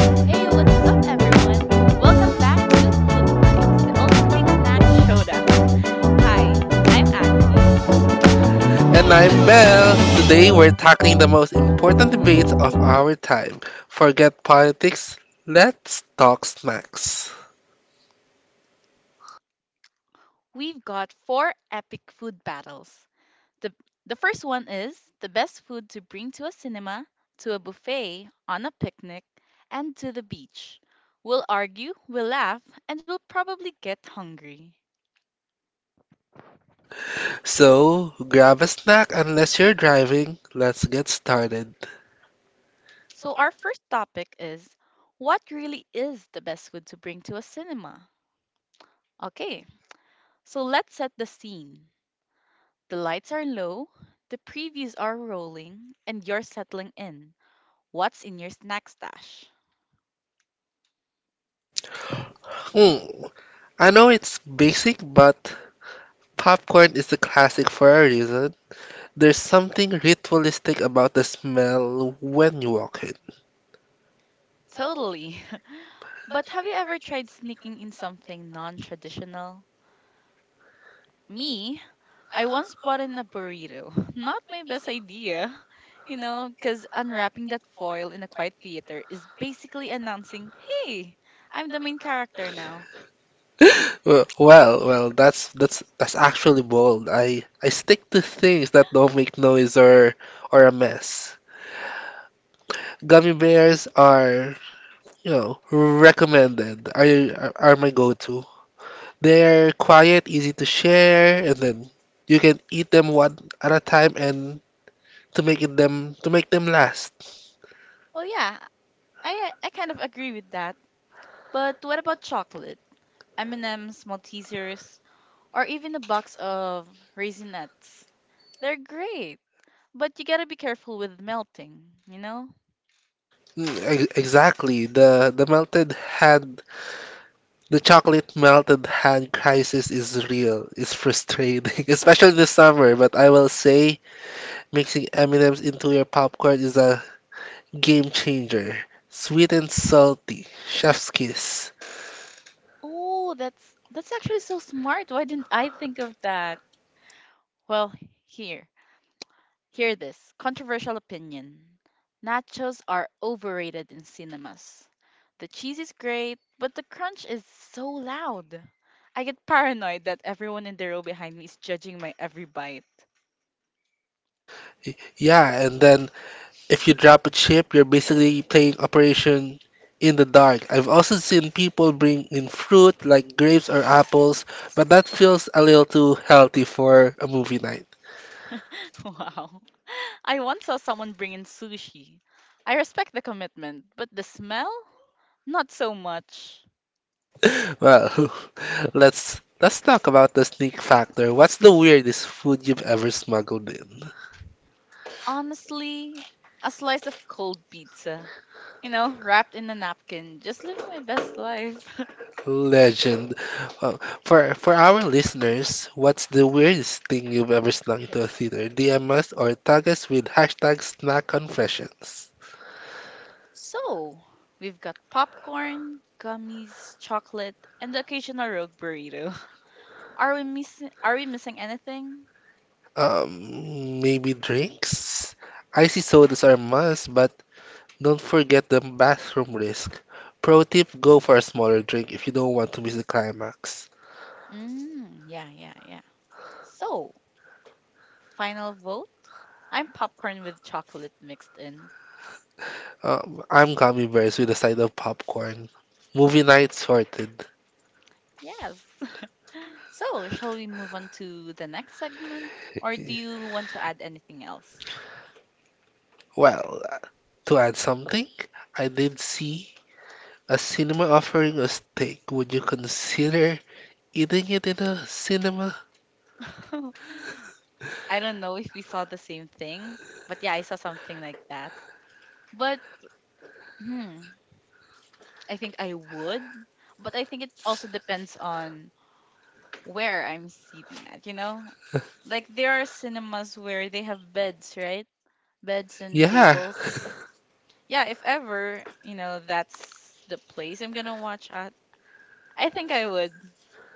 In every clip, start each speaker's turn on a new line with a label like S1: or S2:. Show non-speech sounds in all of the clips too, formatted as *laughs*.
S1: Hey, what's up, everyone? Welcome back to Food Fights, the ultimate snack *laughs* showdown. Hi, I'm Aki.
S2: And I'm Belle. Today we're tackling the most important debates of our time. Forget politics, let's talk snacks.
S1: We've got four epic food battles. The, the first one is the best food to bring to a cinema, to a buffet, on a picnic, and to the beach. We'll argue, we'll laugh, and we'll probably get hungry.
S2: So, grab a snack unless you're driving. Let's get started.
S1: So, our first topic is what really is the best food to bring to a cinema? Okay, so let's set the scene. The lights are low, the previews are rolling, and you're settling in. What's in your snack stash?
S2: Hmm, I know it's basic, but popcorn is a classic for a reason. There's something ritualistic about the smell when you walk in.
S1: Totally. *laughs* But have you ever tried sneaking in something non traditional? Me, I once bought in a burrito. *laughs* Not my best idea, *laughs* you know, because unwrapping that foil in a quiet theater is basically announcing, hey, I'm the main character now.
S2: Well, well, well, that's actually bold. I stick to things that don't make noise or a mess. Gummy bears are, you know, recommended. Are my go-to. They're quiet, easy to share, and then you can eat them one at a time and to make them last.
S1: Well, yeah, I kind of agree with that. But what about chocolate? M&M's, Maltesers, or even a box of raisinets. They're great, but you gotta be careful with melting, you know?
S2: Mm, exactly. The melted had The chocolate melted hand crisis is real. It's frustrating, *laughs* especially this summer, but I will say mixing M&Ms into your popcorn is a game changer. Sweet and salty. Chef's kiss.
S1: Oh, that's actually so smart. Why didn't I think of that? Well, here. Hear this. Controversial opinion. Nachos are overrated in cinemas. The cheese is great, but the crunch is so loud. I get paranoid that everyone in the row behind me is judging my every bite.
S2: Yeah, and then if you drop a chip, you're basically playing Operation in the Dark. I've also seen people bring in fruit like grapes or apples, but that feels a little too healthy for a movie night.
S1: *laughs* Wow. I once saw someone bring in sushi. I respect the commitment, but the smell? Not so much.
S2: *laughs* Well, *laughs* let's talk about the sneak factor. What's the weirdest food you've ever smuggled in?
S1: Honestly, a slice of cold pizza. You know, wrapped in a napkin, just living my best life. *laughs*
S2: Legend. Well, for our listeners, what's the weirdest thing you've ever snuck into a theater? DM us or tag us with hashtag snack confessions.
S1: So, we've got popcorn, gummies, chocolate, and the occasional rogue burrito. *laughs* Are we missing anything?
S2: Maybe drinks? Icy sodas are must, but don't forget the bathroom risk. Pro tip, go for a smaller drink if you don't want to miss the climax.
S1: Mm, yeah, yeah, yeah. So, final vote? I'm popcorn with chocolate mixed in.
S2: I'm gummy bears with a side of popcorn. Movie night sorted.
S1: Yes. *laughs* So, shall we move on to the next segment? Or do you want to
S2: *laughs*
S1: add anything else?
S2: Well, to add something, I did see a cinema offering a steak. Would you consider eating it in a cinema?
S1: *laughs* I don't know if we saw the same thing, but yeah, I saw something like that. But hmm, I think I would. But I think it also depends on where I'm sitting at, you know? Like there are cinemas where they have beds, right? Beds and
S2: Yeah.
S1: tables. Yeah, if ever, you know, that's the place I'm gonna watch at, I think I would.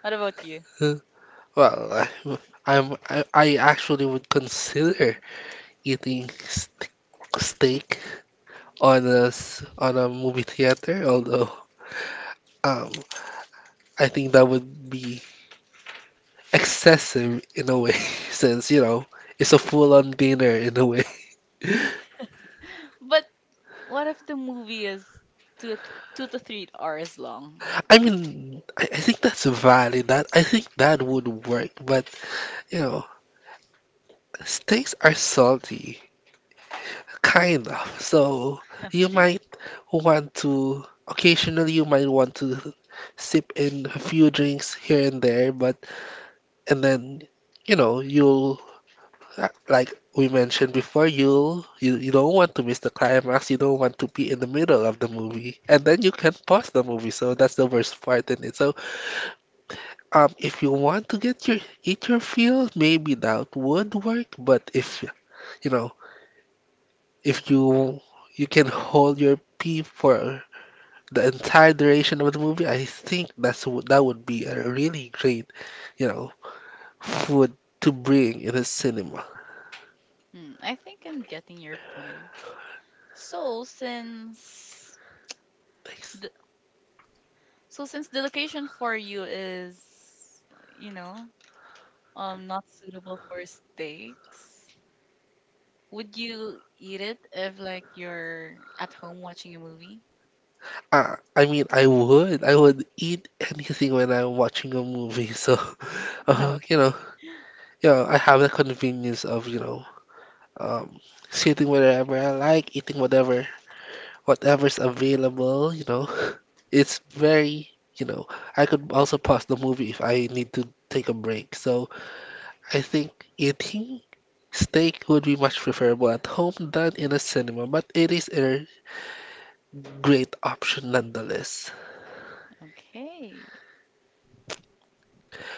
S1: What about you?
S2: *laughs* Well, I actually would consider eating st steak on on a movie theater, although um I think that would be excessive in a way, *laughs* since, you know, it's a full-on dinner in a way.
S1: But what if the movie is 2 to 3 hours long?
S2: I mean, I think that's valid. That I think that would work, but you know, steaks are salty, kind of. So
S1: *laughs*
S2: you
S1: Okay.
S2: might want to occasionally you might want to sip in a few drinks here and there, but and then you know you'll That, like we mentioned before, you don't want to miss the climax. You don't want to be in the middle of the movie, and then you can pause the movie. So that's the worst part in it. So if you want to get your eat your fill, maybe that would work. But if you know if you you can hold your pee for the entire duration of the movie, I think that's that would be a really great you know food to bring in a cinema.
S1: Hmm, I think I'm getting your point. So since
S2: Thanks.
S1: the so since the location for you is, you know, not suitable for steaks, would you eat it if like you're at home watching a movie?
S2: I mean, I would eat anything when I'm watching a movie. So, *laughs*
S1: *laughs*
S2: you know,
S1: Okay.
S2: yeah, I have the convenience of, you know, um, sitting wherever I like, eating whatever, whatever's available. You know, *laughs* it's very, you know, I could also pause the movie if I need to take a break. So, I think eating steak would be much preferable at home than in a cinema, but it is a great option nonetheless.
S1: Okay.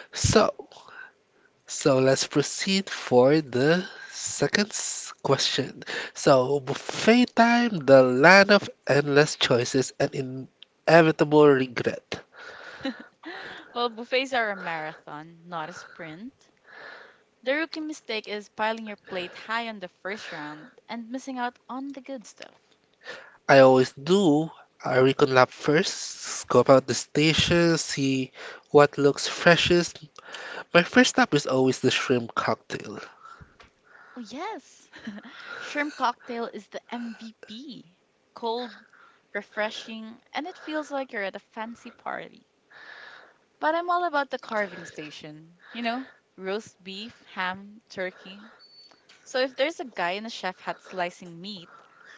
S2: So. So let's proceed for the second question. So, buffet time, the land of endless choices and inevitable regret.
S1: Well, buffets are a marathon, not a sprint. The rookie mistake is piling your plate high on the first round and missing out on the good stuff.
S2: I always do a recon lap first, scope out the station, see what looks freshest. My first stop is always the shrimp cocktail.
S1: Oh, yes! *laughs* Shrimp cocktail is the MVP. Cold, refreshing, and it feels like you're at a fancy party. But I'm all about the carving station. You know, roast beef, ham, turkey. So if there's a guy in a chef hat slicing meat,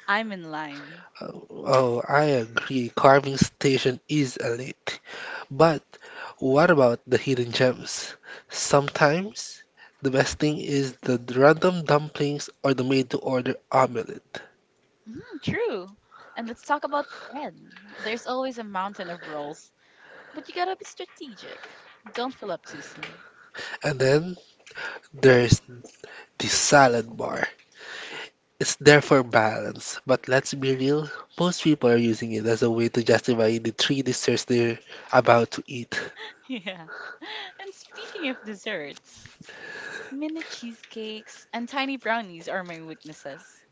S1: I'm in line.
S2: Oh, I agree, carving station is elite. But what about the hidden gems? Sometimes the best thing is the random dumplings or the made-to-order omelette.
S1: Mm, true. And let's talk about bread. There's always a mountain of rolls, but you gotta be strategic. Don't fill up too soon. *laughs*
S2: And then there's the salad bar. It's there for balance, but let's be real, most people are using it as a way to justify the three desserts they're about to eat.
S1: Yeah. And speaking of desserts, mini cheesecakes and tiny brownies are my weaknesses.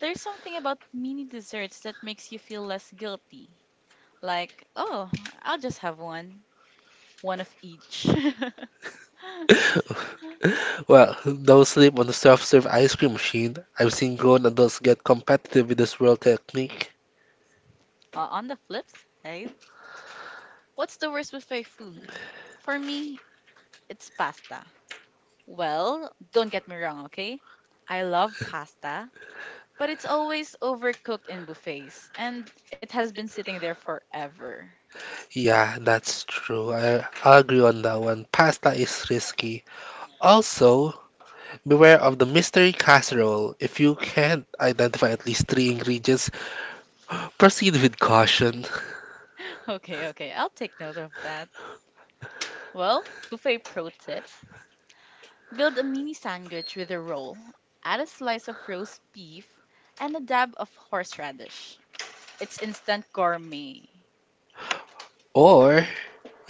S1: There's something about mini desserts that makes you feel less guilty. Like, oh, I'll just have one. One of each. *laughs*
S2: Well, don't sleep on the self-serve ice cream machine. I've seen grown adults get competitive with the swirl technique.
S1: On the flip side, what's the worst buffet food? For me, it's pasta. Well, don't get me wrong, okay? I love pasta, but it's always overcooked in buffets, and it has been sitting there forever. *laughs*
S2: Yeah, that's true. I agree on that one. Pasta is risky. Also, beware of the mystery casserole. If you can't identify at least three ingredients, proceed with caution.
S1: Okay, okay, I'll take note of that. Well, buffet pro tip, build a mini sandwich with a roll, add a slice of roast beef, and a dab of horseradish. It's instant gourmet.
S2: Or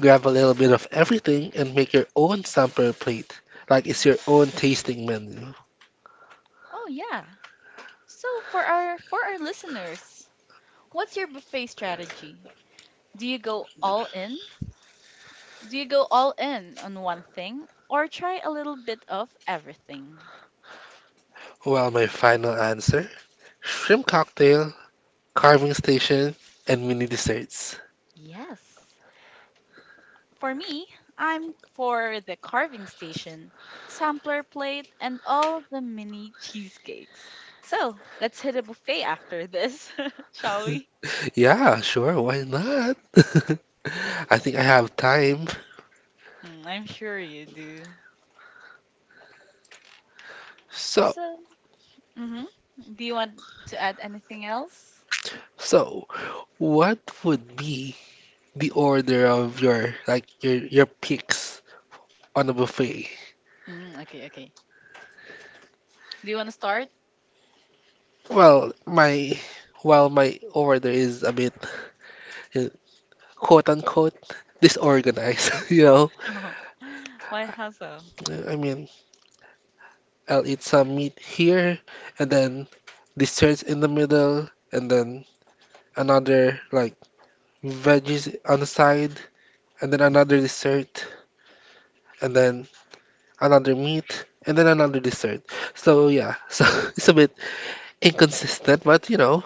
S2: grab a little bit of everything and make your own sample plate, like it's your own tasting menu.
S1: Oh, yeah. So for our listeners, what's your buffet strategy? Do you go all in Do you go all in on one thing or try a little bit of everything?
S2: Well, my final answer shrimp cocktail, carving station, and mini desserts.
S1: Yes. For me, I'm for the carving station, sampler plate, and all the mini cheesecakes. So let's hit a buffet after this, *laughs* shall we?
S2: Yeah, sure, why not? *laughs* I think I have time.
S1: Mm, I'm sure you do.
S2: So,
S1: So, hmm do you want to add anything else?
S2: so, what would be the order of your like your picks on a buffet?
S1: Mm, okay, okay. Do you want to start?
S2: Well, my while my order is a bit uh, quote unquote disorganized, *laughs* you know.
S1: *laughs* Why, how so?
S2: I mean, I'll eat some meat here, and then this desserts in the middle, and then another like veggies on the side, and then another dessert, and then another meat, and then another dessert. So yeah, *laughs* so it's a bit inconsistent, but you know,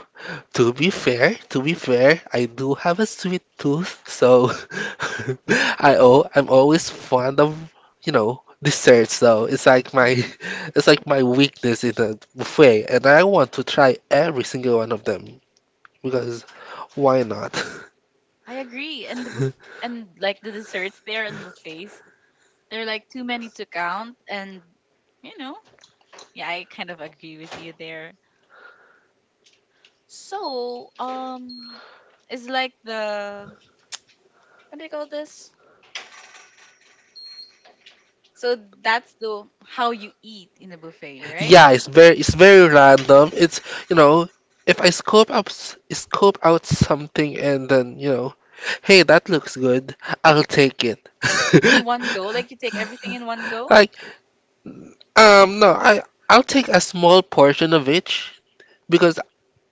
S2: to be fair, I do have a sweet tooth, so *laughs* I'm always fond of, you know, desserts though. It's like my *laughs* it's like my weakness in a buffet, and I want to try every single one of them because why not?
S1: I agree. And the buff
S2: *laughs*
S1: and like the desserts there and buffets, they are like too many to count. And you know, yeah, I kind of agree with you there. So, it's like the what do you call this? So that's the how you eat in a buffet, right?
S2: Yeah, it's very random. It's, you know, if I scope out something and then, you know, hey, that looks good, I'll take it.
S1: In one go, like you take
S2: *laughs*
S1: everything in one go.
S2: I no, I'll take a small portion of each because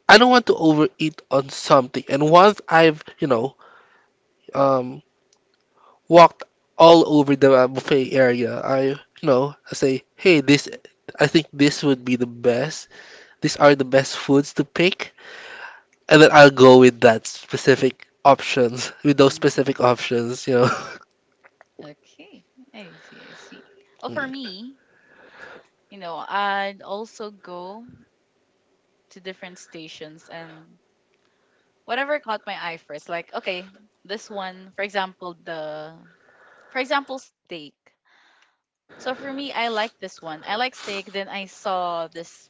S2: I don't want to overeat on something. And once I've, you know, um, walked all over the buffet area, I, you know, I say, hey, this, I think this would be the best. These are the best foods to pick, and then I'll go with that specific options, with those
S1: Hmm.
S2: specific options, you know. *laughs*
S1: Okay, I see. Well, for
S2: Mm.
S1: me, you know, I'd also go to different stations and whatever caught my eye first. Like, okay, this one, for example, the for example, steak. So for me, I like this one. I like steak. Then I saw this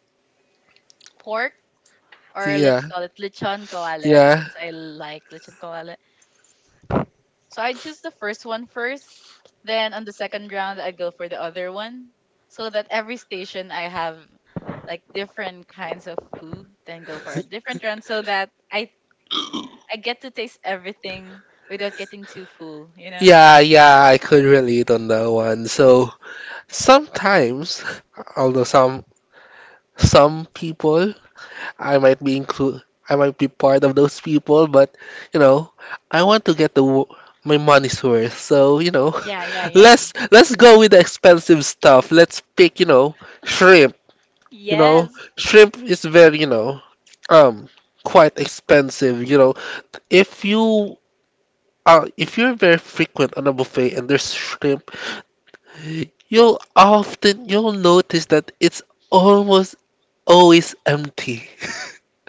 S1: pork, or let's call it lechon
S2: Yeah.
S1: kawale,
S2: Yeah.
S1: since I like lechon kawale. So I choose the first one first. Then on the second round, I go for the other one, so that every station I have like different kinds of food, then go for a different round, so that I get to taste everything without getting too full, you know?
S2: Yeah, yeah, I could relate on that one. So sometimes, although some people, I might be include, I might be part of those people, but you know, I want to my money's worth. So you know,
S1: Yeah, yeah,
S2: *laughs*
S1: yeah.
S2: let's go with the expensive stuff. Let's pick, you know, shrimp. You know,
S1: Yes.
S2: shrimp is very, you know, um, quite expensive. You know, if you if you're very frequent on a buffet and there's shrimp you'll often you'll notice that it's almost always empty. *laughs*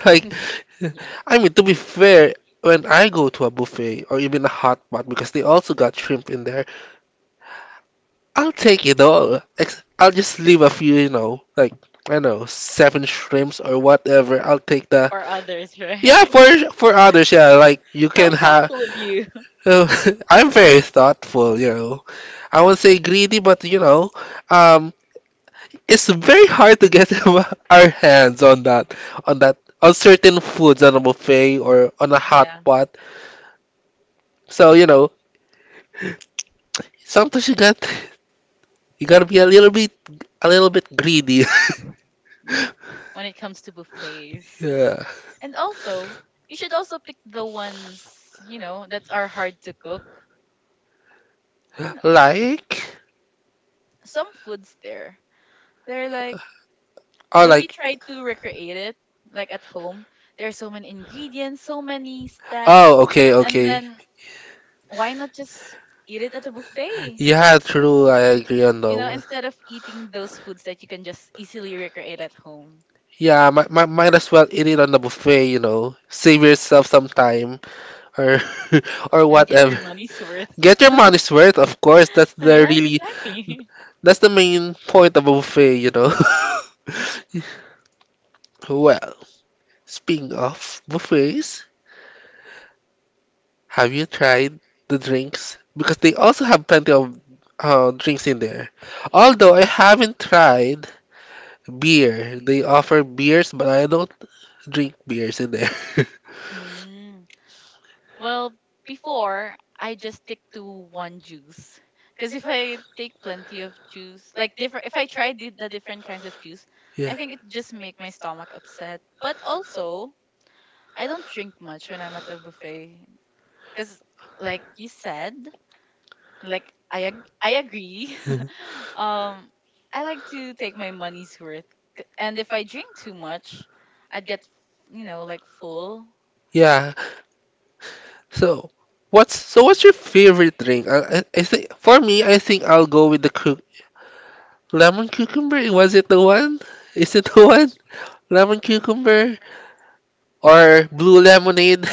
S2: Like,
S1: *laughs* Yeah.
S2: I mean, to be fair, when I go to a buffet or even a hot pot because they also got shrimp in there, I'll take it all. I'll just leave a few, you know, like I don't know, seven shrimps or whatever. I'll take the
S1: Or others, right?
S2: yeah for others. Yeah, like you
S1: *laughs* How
S2: can have.
S1: thoughtful of you.
S2: *laughs* I'm very thoughtful, you know. I won't say greedy, but you know, um, it's very hard to get *laughs* our hands on that on that on certain foods
S1: *laughs*
S2: on a buffet or on a hot
S1: Yeah,
S2: pot. So you know, sometimes you gotta be a little bit greedy.
S1: yeah. When it comes to
S2: *laughs*
S1: buffets. *laughs*
S2: Yeah,
S1: And also, you should also pick the ones, you know, that are hard to cook. You know,
S2: like
S1: some foods there. They're like
S2: oh
S1: when you
S2: like
S1: try to recreate it, like at home, there's so many ingredients, so many steps,
S2: oh okay,
S1: and
S2: okay,
S1: then why not just eat it at a buffet?
S2: yeah, true, I agree on that
S1: You know,
S2: one.
S1: instead of eating those foods that you can just easily recreate at home.
S2: Yeah, might, might as well eat it on the buffet. You know, save yourself
S1: Yes.
S2: some time. Or *laughs* or get your
S1: And get your
S2: whatever.
S1: money's
S2: *laughs*
S1: worth.
S2: Get your
S1: *laughs*
S2: money's worth, of course.
S1: Yes, exactly.
S2: That's the main point of a buffet, you know. *laughs* Well, speaking of buffets, have you tried the drinks? Because they also have plenty of drinks in there.
S1: *laughs* Yeah.
S2: Although I haven't tried beer. They offer beers, but I don't drink beers in there. *laughs* I
S1: Mm. Well, before I just stick to one juice. Because if I take plenty of juice, if I try the different kinds of juice,
S2: yeah.
S1: I think it just make my
S2: Someone
S1: stomach
S2: who
S1: upset. But also, I don't drink much when I'm at the buffet. Because, like you said, like I agree. *laughs* Um, I like to take my money's worth. And if I drink too much, I'd get, you know, like full.
S2: *laughs* yeah, so, what's your favorite drink? I think for me, I think I'll go with the lemon cucumber. Was it the one? Is it the one? Lemon cucumber
S1: Cucumber.
S2: or blue lemonade?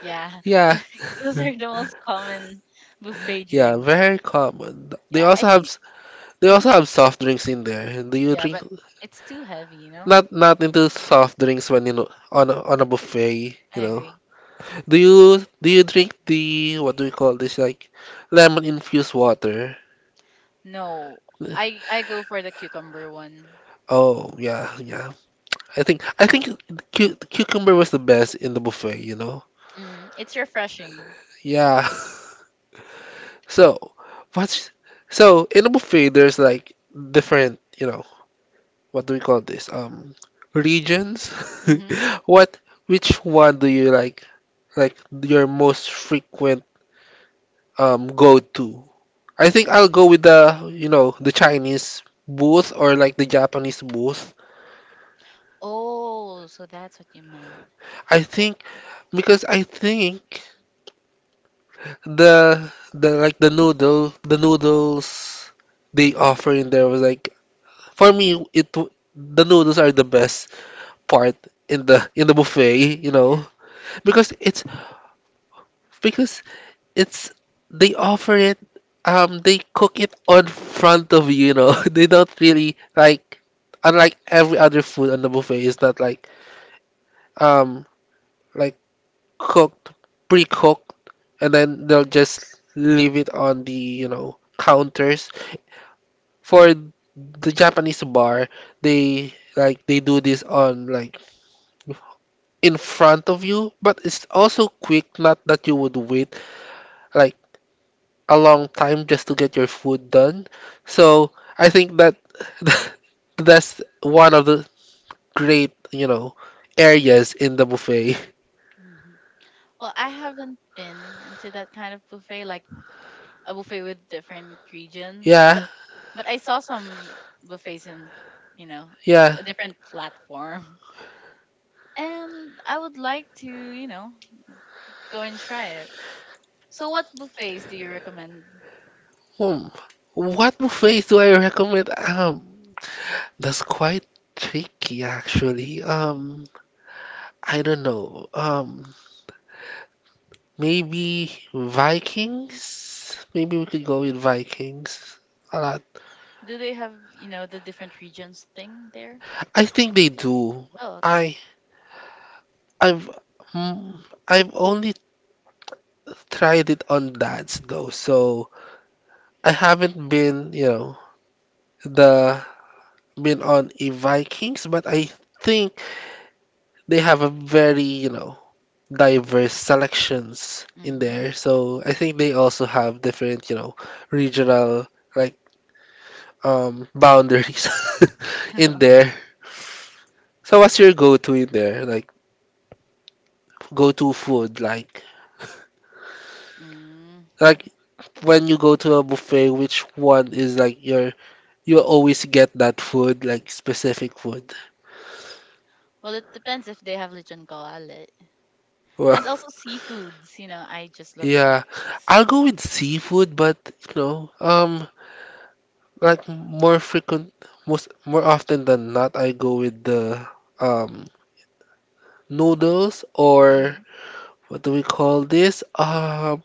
S1: Yeah.
S2: *laughs* Yeah.
S1: *laughs* Those are the most common buffet
S2: Yeah,
S1: drinks.
S2: very common. They
S1: Yeah, I
S2: also have
S1: think.
S2: they
S1: Hmm?
S2: also have soft drinks in there. Do you
S1: Yeah,
S2: drink
S1: but it's too heavy, you know?
S2: not not into soft drinks when you know on a buffet,
S1: I
S2: you know?
S1: agree.
S2: Do you drink the what do we call this like lemon infused water?
S1: No, I go for the cucumber one.
S2: Oh yeah, yeah. I think cu the cucumber was the best in the buffet, you know?
S1: Hmm. It's refreshing.
S2: Yeah. *laughs* So, what's so in the buffet there's like different, you know, what do we call this? Regions.
S1: Hmm.
S2: *laughs* What which one do you like your most frequent go-to? I think I'll go with the, you know, the Chinese booth or like the Japanese booth.
S1: Oh, so that's what you meant.
S2: I
S1: Oh.
S2: think I think the the like the noodles they
S1: Hmm.
S2: offer in there was like for me the noodles are the best part in the buffet, you know,
S1: Yeah.
S2: because it's because it's they offer it. They cook it on front of you you know *laughs* they don't really like, unlike every other food on the buffet. It's not like, um like cooked pre-cooked, and then they'll just leave it on the counters for the Japanese bar. They do this on like in front of you, but it's also quick, not that you would wait like a long time just to get your food done. So I think that *laughs* that's one of the great, you know, areas in the buffet. *laughs*
S1: Hmm. Well, I haven't been into that kind of buffet like a buffet with different regions.
S2: Yeah,
S1: But I saw some buffets in, you know,
S2: yeah.
S1: a different platform. *laughs* And I would like to, you know, go and try it. So what buffets do you recommend?
S2: Hmm. What buffets do I recommend? That's quite tricky actually. I don't know. Maybe Vikings? Maybe we could go with Vikings. A lot.
S1: Do they have, you know, the different regions thing there?
S2: I think they do.
S1: Oh, okay.
S2: I I've hmm, I've only tried it on dads though, so I haven't been, you know, the been on a Vikings, but I think they have a very, diverse selections in
S1: Mm-hmm.
S2: there. So I think they also have different, regional like boundaries *laughs* in
S1: *laughs*
S2: there.
S1: Okay.
S2: So what's your go-to in there? Like go-to food, like
S1: Mm.
S2: like when you go to a buffet, which one is like you always get that food, like specific food?
S1: Well, it depends if they have lechon kawale.
S2: Well,
S1: And also seafoods, you know, I just
S2: *laughs*
S1: love
S2: yeah,
S1: seafoods.
S2: I'll go with seafood, but you know, um, like more frequent, most more often than not, I go with the um noodles or
S1: Mhm.
S2: what do we call this?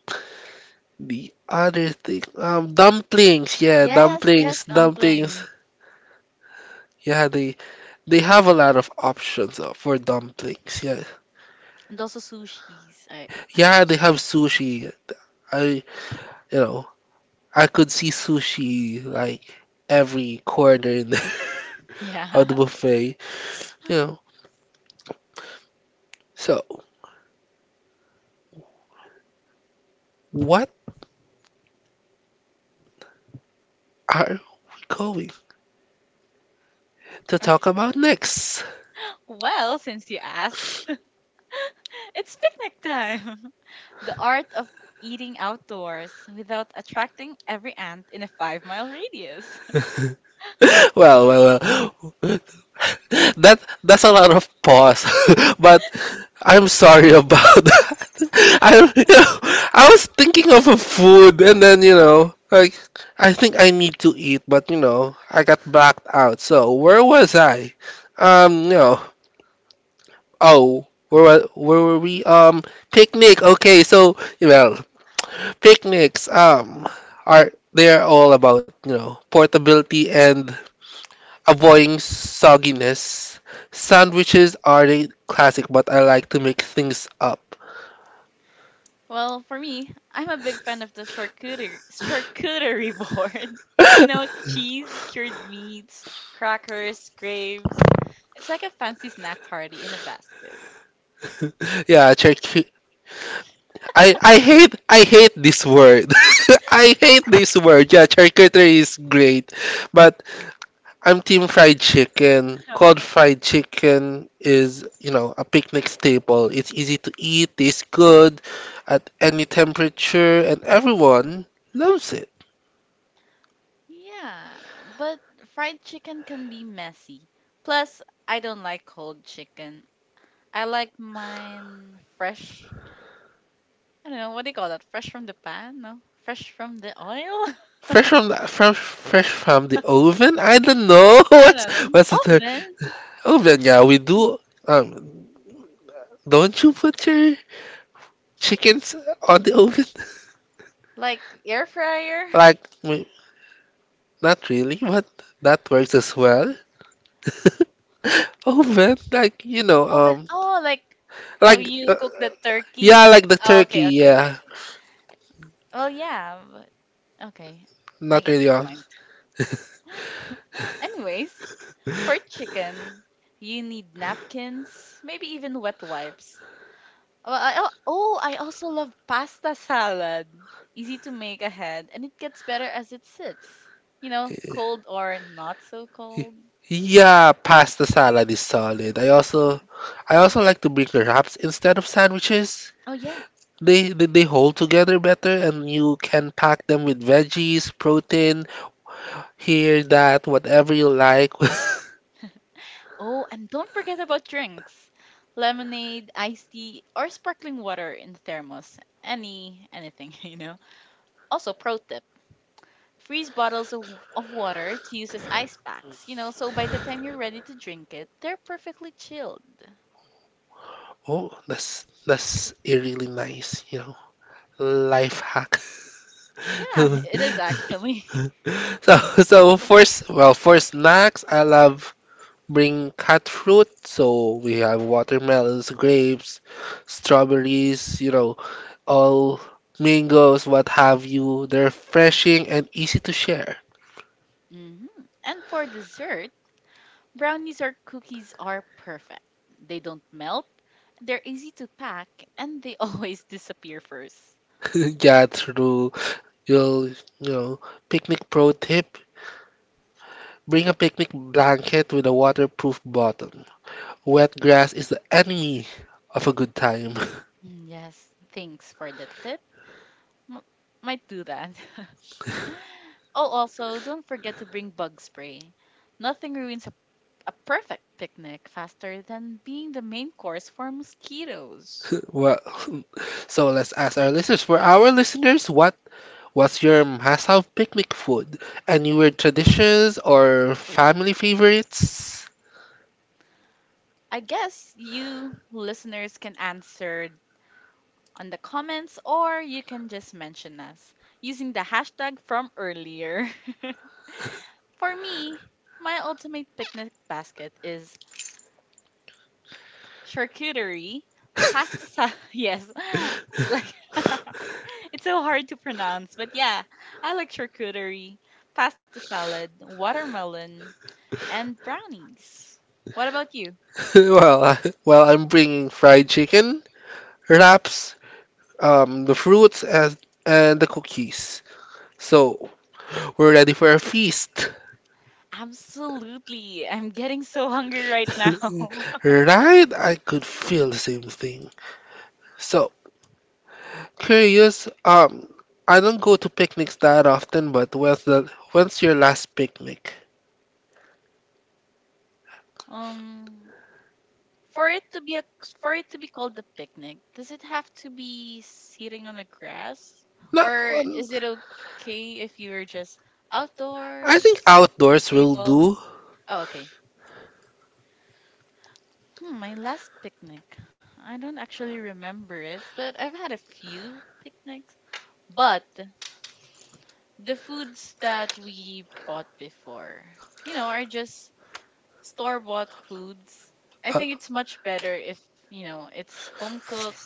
S2: The other thing, dumplings. Yeah,
S1: Yes, yes,
S2: dumplings, dumplings.
S1: dumplings.
S2: Yeah, they have a lot of options, for dumplings. Yeah,
S1: And also sushis. I
S2: yeah,
S1: love
S2: they have
S1: sushis.
S2: sushi. I, you know, I could see sushi like every corner in the, *laughs* of the
S1: Yeah.
S2: buffet. You know,
S1: *laughs*
S2: so what are we going to
S1: Like,
S2: talk about next? *laughs*
S1: well, since you asked, *laughs* it's picnic time. *laughs* The art of eating outdoors without attracting every ant in a 5 mile radius.
S2: Well, well, well. *laughs* That's a lot of pause, *laughs* but I'm sorry about *laughs* that. I, you know, I was thinking of a food, and then like I think I need to eat, but I got backed out. So where was I? Um, you know, oh, where were we? Picnic. Okay, so picnics. Are They're all about, portability and avoiding sogginess. Sandwiches are the classic, but I like to make things up.
S1: Well, for me, I'm a big fan of the charcuterie board. *laughs* You know, cheese, cured meats, crackers, grapes. It's like a fancy snack party in a basket.
S2: Yeah, charcuterie. I hate this word. *laughs* I hate this word. Yeah, charcuterie is great, but I'm team fried chicken.
S1: *laughs*
S2: Cod
S1: Okay.
S2: fried chicken is, a picnic staple. It's easy to eat, tastes good at any temperature, and everyone loves it.
S1: Yeah, but fried chicken can be messy. Plus, I don't like cold chicken. I like mine fresh. I don't know, what do you call that? Fresh from the pan? No? Fresh from the oil?
S2: Fresh from the
S1: *laughs*
S2: oven. I don't know *laughs*
S1: I
S2: what's
S1: don't know.
S2: what's the third
S1: Oven?
S2: oven. Yeah, we do. Um, don't you put your chickens on the oven?
S1: Like air fryer?
S2: Like, not really, but that works as well. *laughs* Oh man,
S1: Oven. Oh, like how
S2: like
S1: you
S2: uh,
S1: cook the turkey?
S2: yeah, like the
S1: Oh,
S2: turkey,
S1: okay, okay, okay,
S2: yeah,
S1: okay. Well, yeah, but okay. I
S2: not
S1: get
S2: really
S1: your
S2: um,
S1: point. *laughs* Anyways, for chicken, you need napkins, maybe even wet wipes. I also love pasta salad. Easy to make ahead, and it gets better as it sits. You know, cold or not so cold.
S2: Yeah, pasta salad is solid. I also like to bring wraps instead of sandwiches.
S1: Oh, yeah.
S2: They hold together better, and you can pack them with veggies, protein, here, that, whatever you like. *laughs*
S1: Oh, and don't forget about drinks. Lemonade, iced tea, or sparkling water in thermos. Any, anything, *laughs* you know. Also, pro tip, freeze bottles of water to use as ice packs, you know, so by the time you're ready to drink it, they're perfectly chilled.
S2: Oh, that's a really nice, life hack.
S1: Yeah, *laughs* it is
S2: *laughs*
S1: actually. *laughs*
S2: So so first, well, for snacks, I love bring cut fruit. So we have watermelons, grapes, strawberries, all mangoes, what have you. They're refreshing and easy to share.
S1: Hmm. And for dessert, brownies or cookies are perfect. They don't melt, they're easy to pack, and they *laughs* always disappear first.
S2: *laughs* Yeah, true. You'll, you know, picnic pro tip, bring a picnic blanket with a waterproof bottom. Wet grass is the enemy of a good time.
S1: Mm, yes, thanks for the tip. M- might do that. *laughs* Oh, also, don't forget to bring bug spray. Nothing ruins a perfect picnic faster than being the main course for mosquitoes.
S2: *laughs* Well, *laughs* so let's ask our listeners. For our listeners, what was your must-have picnic food? Any weird traditions or family favorites?
S1: I guess you listeners can answer on the comments, or you can just mention us using the hashtag from earlier. *laughs* For me, my ultimate picnic basket is charcuterie,
S2: *laughs*
S1: pasta salad. *laughs* Yes, *laughs* like *laughs* it's so hard to pronounce, but yeah, I like charcuterie, pasta salad, watermelon, and brownies. What about you?
S2: well, uh, well, I'm bringing fried chicken, wraps, the fruits, and the cookies. So we're ready for a feast.
S1: Absolutely. I'm getting so hungry right now. *laughs*
S2: *laughs* Right? I could feel the same thing. So, curious, I don't go to picnics that often, but when's your last picnic?
S1: Um, For it to be a for it to be called a picnic, does it have to be sitting on the grass?
S2: Not
S1: Or
S2: one.
S1: is it okay if you're just
S2: I
S1: outdoors,
S2: think outdoors will
S1: table?
S2: do.
S1: Oh, okay. Hmm, my last picnic. I don't actually remember it, but I've had a few picnics. But the foods that we bought before, you know, are just store-bought foods. I
S2: Uh,
S1: think it's much better if, you know, it's home cooked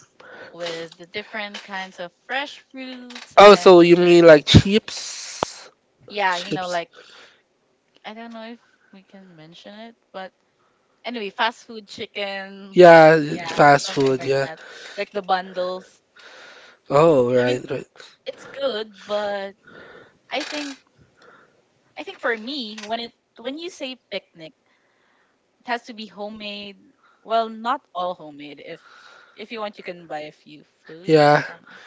S1: with the different kinds of fresh fruits
S2: oh,
S1: and
S2: so you mean like
S1: desserts.
S2: chips?
S1: Yeah, you know,
S2: Chips.
S1: like I don't know if we can mention it, but anyway, fast food chickens,
S2: Yeah,
S1: yeah,
S2: fast
S1: something
S2: food,
S1: like
S2: yeah.
S1: that. Like the bundles.
S2: Oh,
S1: I mean,
S2: right, right.
S1: it's good, but I think I think for me, when you say picnic, it has to be homemade. Well, not all homemade. If you want, you can buy a few foods
S2: Yeah,
S1: from.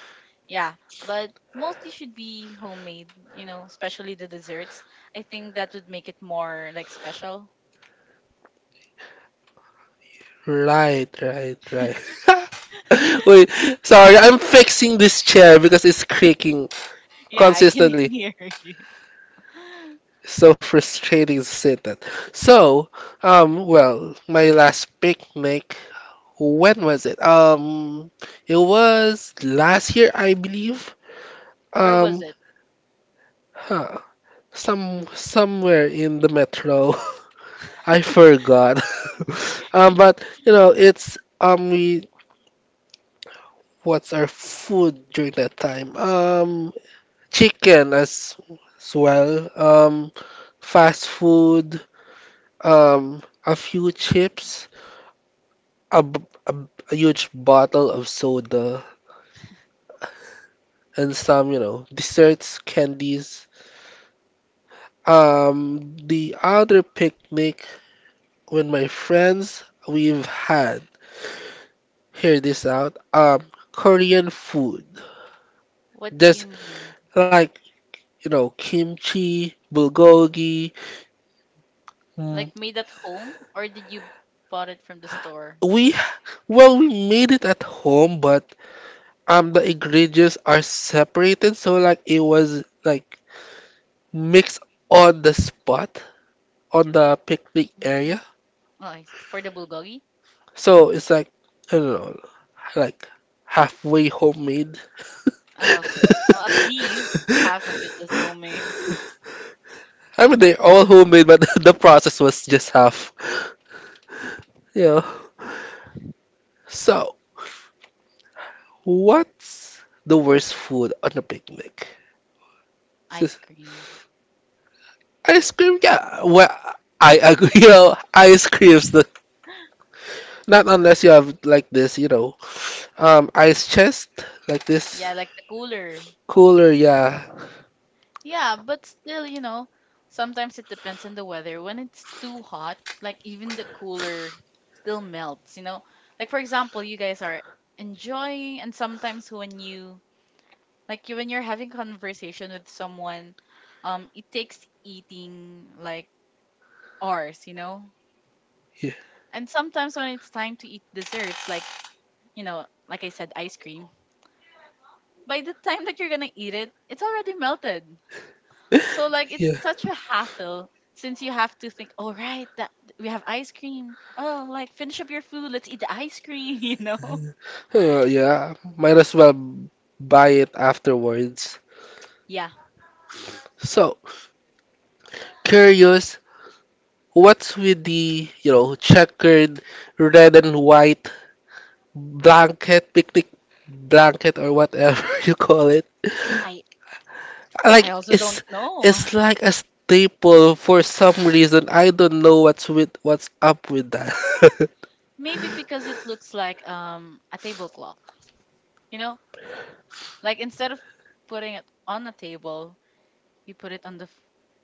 S1: Yeah, but mostly should be homemade, you know, especially the desserts. I think that would make it more like special.
S2: right, right, right. *laughs*
S1: *laughs*
S2: Wait, sorry, I'm fixing this chair because it's creaking
S1: Yeah, I can *laughs* hear
S2: consistently.
S1: you. *laughs*
S2: So frustrating to sit at. So, well, my last picnic, when was it? It was last year, I believe.
S1: Where was
S2: Um,
S1: it?
S2: huh, somewhere in the metro. *laughs* I forgot. *laughs* Um,
S1: *laughs* Okay.
S2: but you know, it's we what's our food during that time? Chicken, as well. Fast food. A
S1: Mm.
S2: few chips. A huge bottle of soda and some, desserts, candies. The other picnic with my friends we've had. Hear this out. Korean food.
S1: What do
S2: Just
S1: you mean?
S2: like, you know, kimchi, bulgogi. mm,
S1: Like made at home or did you bought it from the store?
S2: We we made it at home, but the ingredients are separated, so like it was like mixed on the spot on the picnic
S1: Mm-hmm.
S2: area.
S1: Oh, I see. For the bulgogi?
S2: So it's like I don't know, like halfway homemade. *laughs*
S1: Oh, okay. Well, at least half of it was homemade. *laughs*
S2: I mean they're all homemade, but *laughs* the process was just half. Yeah. So what's the worst food on a picnic?
S1: Ice cream.
S2: Ice cream, yeah. Well, I agree. *laughs* You know, ice creams, the, not unless you have like this, ice chest like this
S1: Yeah, like the cooler.
S2: cooler, yeah.
S1: Yeah, but still, you know, sometimes it depends on the weather. When it's too hot, like even the cooler still melts, you know? Like for example, you guys are enjoying and sometimes when you when you're having conversation with someone, it takes eating like hours, you know?
S2: Yeah.
S1: And sometimes when it's time to eat desserts like, you know, like I said, ice cream, by the time that you're gonna eat it, it's already melted. So like
S2: *laughs*
S1: it's
S2: Yeah.
S1: such a hassle since you have to think, all right, that we have ice cream. Oh, like finish up your food, let's eat the ice cream, *laughs* you know?
S2: Well, yeah, might as well buy it afterwards.
S1: Yeah.
S2: So, curious, what's with the, checkered red and white blanket, picnic blanket, or whatever *laughs* you call.
S1: I I
S2: Like
S1: also don't
S2: it's
S1: know.
S2: it's
S1: *laughs*
S2: like a staple for some reason. I don't know what's up with that. *laughs*
S1: Maybe because it looks like a tablecloth, you know? Like instead of putting it on a table, you put it on the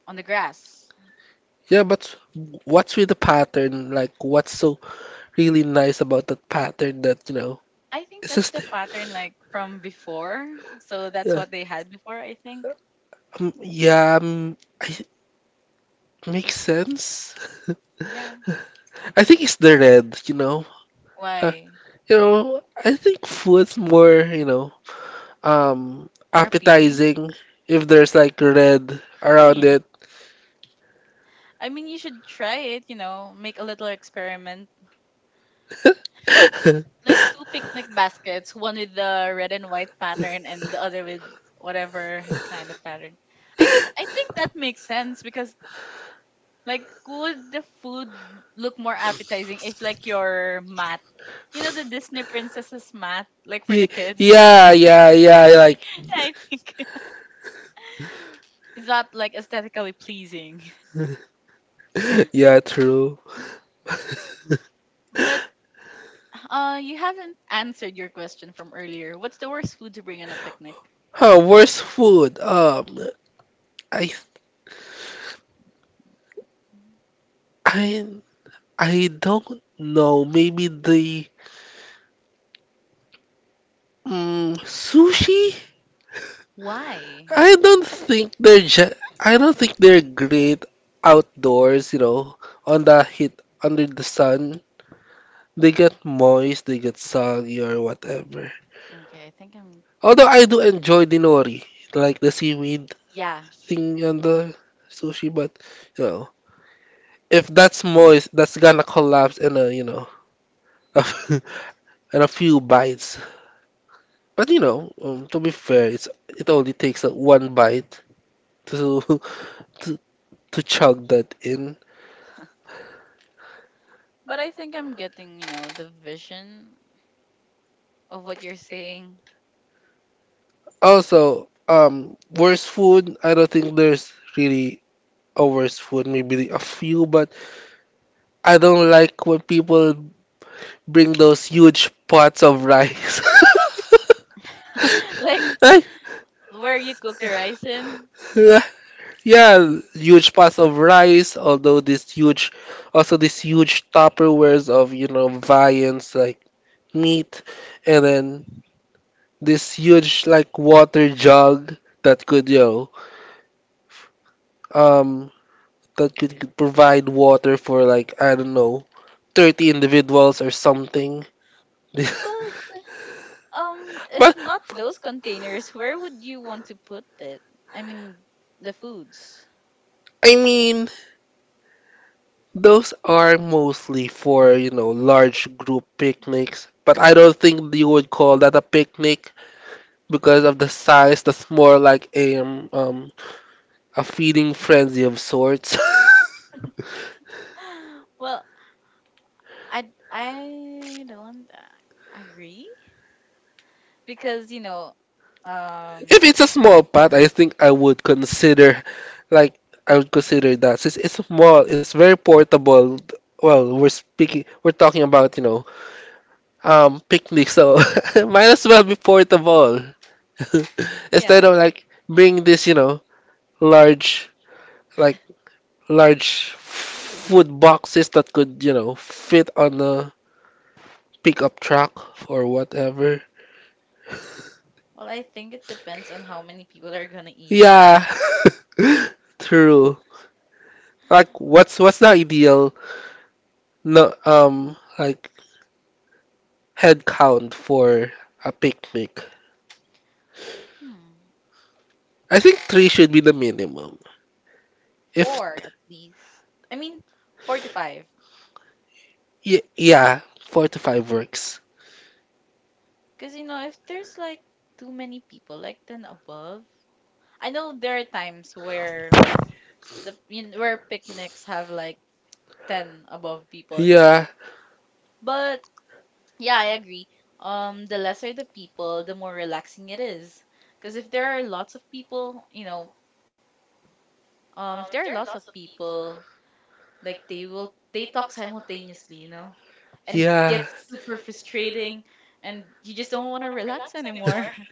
S1: on the grass.
S2: Yeah, but what's with the pattern? Like what's so really nice about that pattern that,
S1: I think
S2: it's
S1: that's
S2: just
S1: the pattern like from before. So that's
S2: yeah.
S1: what they had before, I think.
S2: Yeah, makes sense.
S1: Yeah.
S2: *laughs* I
S1: I-
S2: think it's the red, you know. Uh,
S1: Why?
S2: you know, I think food's more,
S1: More appealing?
S2: appetizing if there's like red
S1: *laughs*
S2: around it.
S1: Really? I mean, you should try it, you know, make a little experiment.
S2: *laughs*
S1: Like two picnic baskets, one with the red and white pattern and the other with whatever kind of pattern. I mean, I think that makes sense because, like, would the food look more appetizing if, like, your mat, you know, the Disney princesses mat, like for
S2: Ye-
S1: the kids?
S2: Yeah,
S1: *laughs*
S2: yeah, yeah, like
S1: Yeah, I think *laughs* it's not like aesthetically pleasing.
S2: *laughs* yeah, true.
S1: But uh, you haven't answered your question from earlier. What's the worst food to bring on a picnic?
S2: Huh, worst food. I I I don't know. Maybe the sushi.
S1: Why?
S2: I don't think they're great outdoors, on the heat under the sun. They
S1: Hmm.
S2: get moist, they get soggy or whatever.
S1: Okay, I think I'm.
S2: Although I do enjoy the nori, like the seaweed
S1: Yeah,
S2: thing on the sushi, but you know, if that's moist, that's gonna collapse in a, *laughs* in a few bites. But you know, to be fair, it only takes, one bite to *laughs* to to chug that in.
S1: but I think I'm getting, you know, the vision of what you're saying.
S2: Also, worst food, I don't think there's really a worst food, maybe a few, but I don't like when people bring those huge pots of rice. *laughs*
S1: *laughs* Like
S2: Like,
S1: where you cook the rice in.
S2: Like, uh, yeah, huge pots of rice, although this huge, also this huge Tupperwares of, viands like meat, and then this huge, like, water jug that could, um provide water for like I don't know, 30 individuals or something. *laughs*
S1: But if
S2: But
S1: not those containers, where would you want to put it? I mean, the foods.
S2: I mean, those are mostly for, large group picnics, but I don't think you would call that a picnic because of the size. That's more like a, feeding frenzy of sorts. *laughs*
S1: *gasps* Well, I I don't agree because you know um.
S2: If it's a small pot, I think like, I would consider that since it's small, it's very portable. Well, we're talking about, picnic, so *laughs* might as well be portable *laughs* instead
S1: Yeah.
S2: of like bring this, large, like large food boxes that could, fit on a pickup truck or whatever.
S1: Well I think it depends on how many people are gonna eat.
S2: Yeah, *laughs* true. Like, what's the ideal. No, like head count for a picnic.
S1: Hmm,
S2: I think three should be the minimum. If
S1: four at least. I mean four to five
S2: y yeah, four to five works.
S1: because you know if there's like too many people like 10 above. I know there are times where where picnics have like 10 above people,
S2: Yeah,
S1: but yeah, I agree. The lesser the people, the more relaxing it is. Because if there are lots of people, you know, if there are lots of people, like they talk simultaneously, you know, and it
S2: yeah.
S1: gets super
S2: *laughs*
S1: frustrating, and you just don't want to relax anymore. *laughs*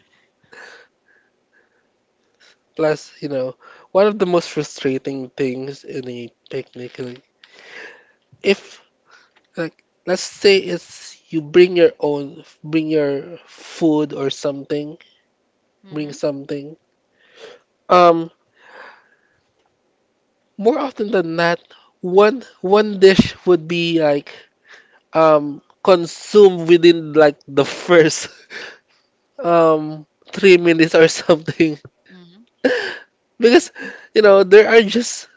S2: Plus, you know, one of the most frustrating things in a picnic, like if like let's say it's you bring your own, bring your food or something, bring
S1: Mm-hmm.
S2: something. Um, More often than not, one dish would be like consumed within like the first *laughs* um 3 minutes or something.
S1: Mm-hmm.
S2: *laughs* Because there are just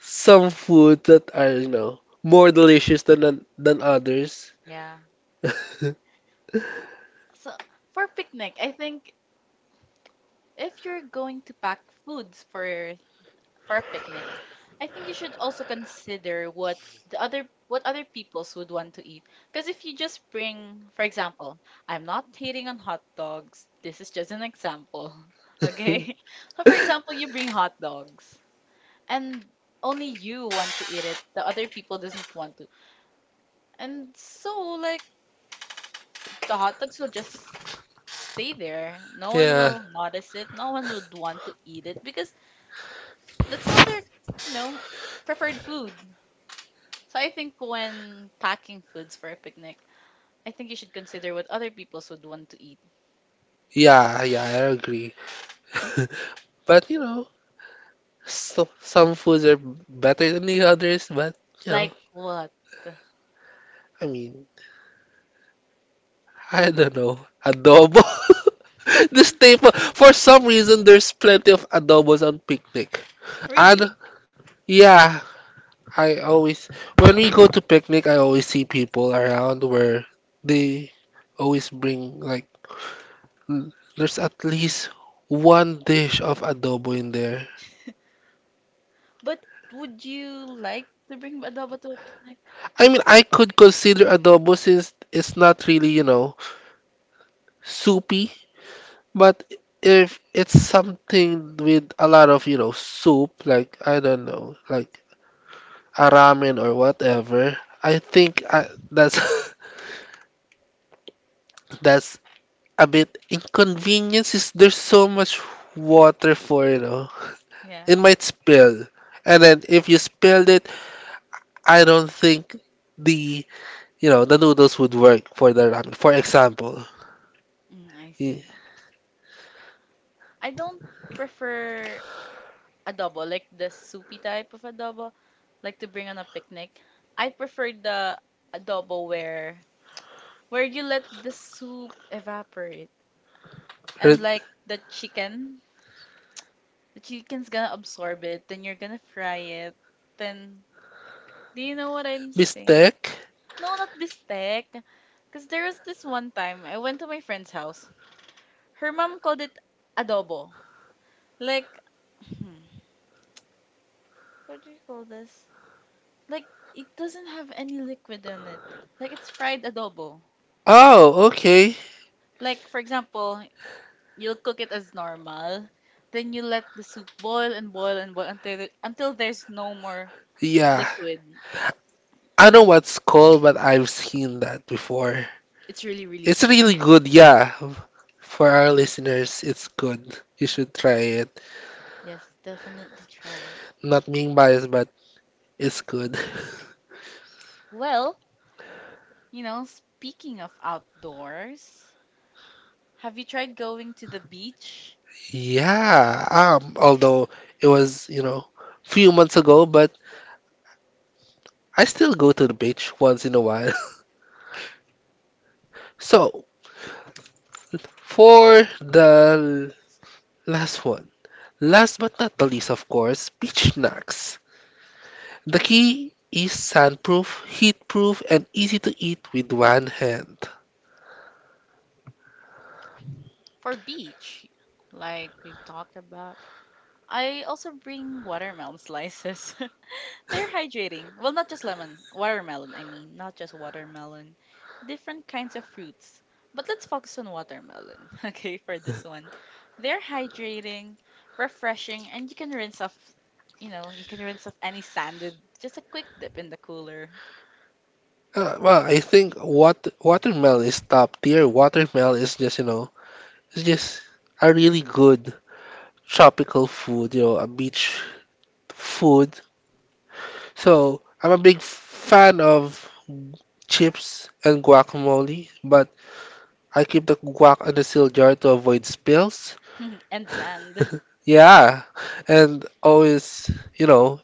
S2: some food that are, more delicious than others.
S1: Yeah.
S2: *laughs*
S1: So for picnic, I think if you're going to pack foods for a picnic, I think you should also consider what other peoples would want to eat. Because if you just bring, for example, I'm not hating on hot dogs. This is just an example, *laughs* okay? *laughs* So for example, you bring hot dogs and only you want to eat it. The other people doesn't want to. And so like the hot dogs will just stay there. No one
S2: Yeah,
S1: will notice it. No one would want to eat it because that's not their, you know, preferred food. So I think when packing foods for a picnic, I think you should consider what other people would want to eat.
S2: yeah, yeah, I agree. *laughs* But you know. So some foods are better than the others, but you know,
S1: Like what?
S2: I mean, I don't know. Adobo. *laughs* The staple. For some reason, there's plenty of adobos on picnic. And
S1: Really?
S2: yeah, I always when we go to picnic, I always see people around where they always bring there's at least one dish of adobo in there.
S1: But would you like to bring adobo to a picnic?
S2: I mean, I could consider adobo since it's not really, soupy. But if it's something with a lot of, soup, like I don't know, like a ramen or whatever, that's *laughs* that's a bit inconvenience is there's so much water for,
S1: Yeah.
S2: it might spill. And then if you spilled it, I don't think the, the noodles would work for the ramen. For example,
S1: Mm, I
S2: y-
S1: see. I don't prefer adobo, like the soupy type of adobo, like to bring on a picnic. I prefer the adobo where you let the soup evaporate
S2: her-
S1: and like the chicken, the chicken's gonna absorb it, then you're gonna fry it. Then do you know what I'm saying?
S2: mistake?
S1: No, not bistec. Cause there was this one time I went to my friend's house. Her mom called it adobo. Like, hmm, what do you call this? Like it doesn't have any liquid on it. Like it's fried adobo.
S2: Oh, okay.
S1: Like for example, you'll cook it as normal. Then you let the soup boil and boil and boil until until there's no more
S2: Yeah.
S1: liquid.
S2: I don't know what's called, but I've seen that before.
S1: It's
S2: It's
S1: really, really good.
S2: really good, yeah. For our listeners, it's good. You should try it.
S1: Yes, definitely try it.
S2: Not being biased, but it's good.
S1: Well, you know, speaking of outdoors, have you tried going to the beach?
S2: Yeah. Although it was, few months ago, but I still go to the beach once in a while. *laughs* So for the last one, last but not the least, of course, beach snacks. The key is sandproof, heatproof, and easy to eat with one hand.
S1: For beach, like we've talked about, I also bring watermelon slices. *laughs* They're hydrating. Well, not just lemon, watermelon, I mean, not just watermelon. Different kinds of fruits. But let's focus on watermelon, *laughs* okay, for this one. They're hydrating, refreshing, and you can rinse off, any sand with just a quick dip in the cooler.
S2: Well, I think what watermel is top tier. Watermel is just, you know, it's just a really good tropical food, you know, a beach food. So I'm a big fan of chips and guacamole, but I keep the guac in the seal jar to avoid spills.
S1: *laughs* And sand.
S2: *laughs* Yeah, and always, you know,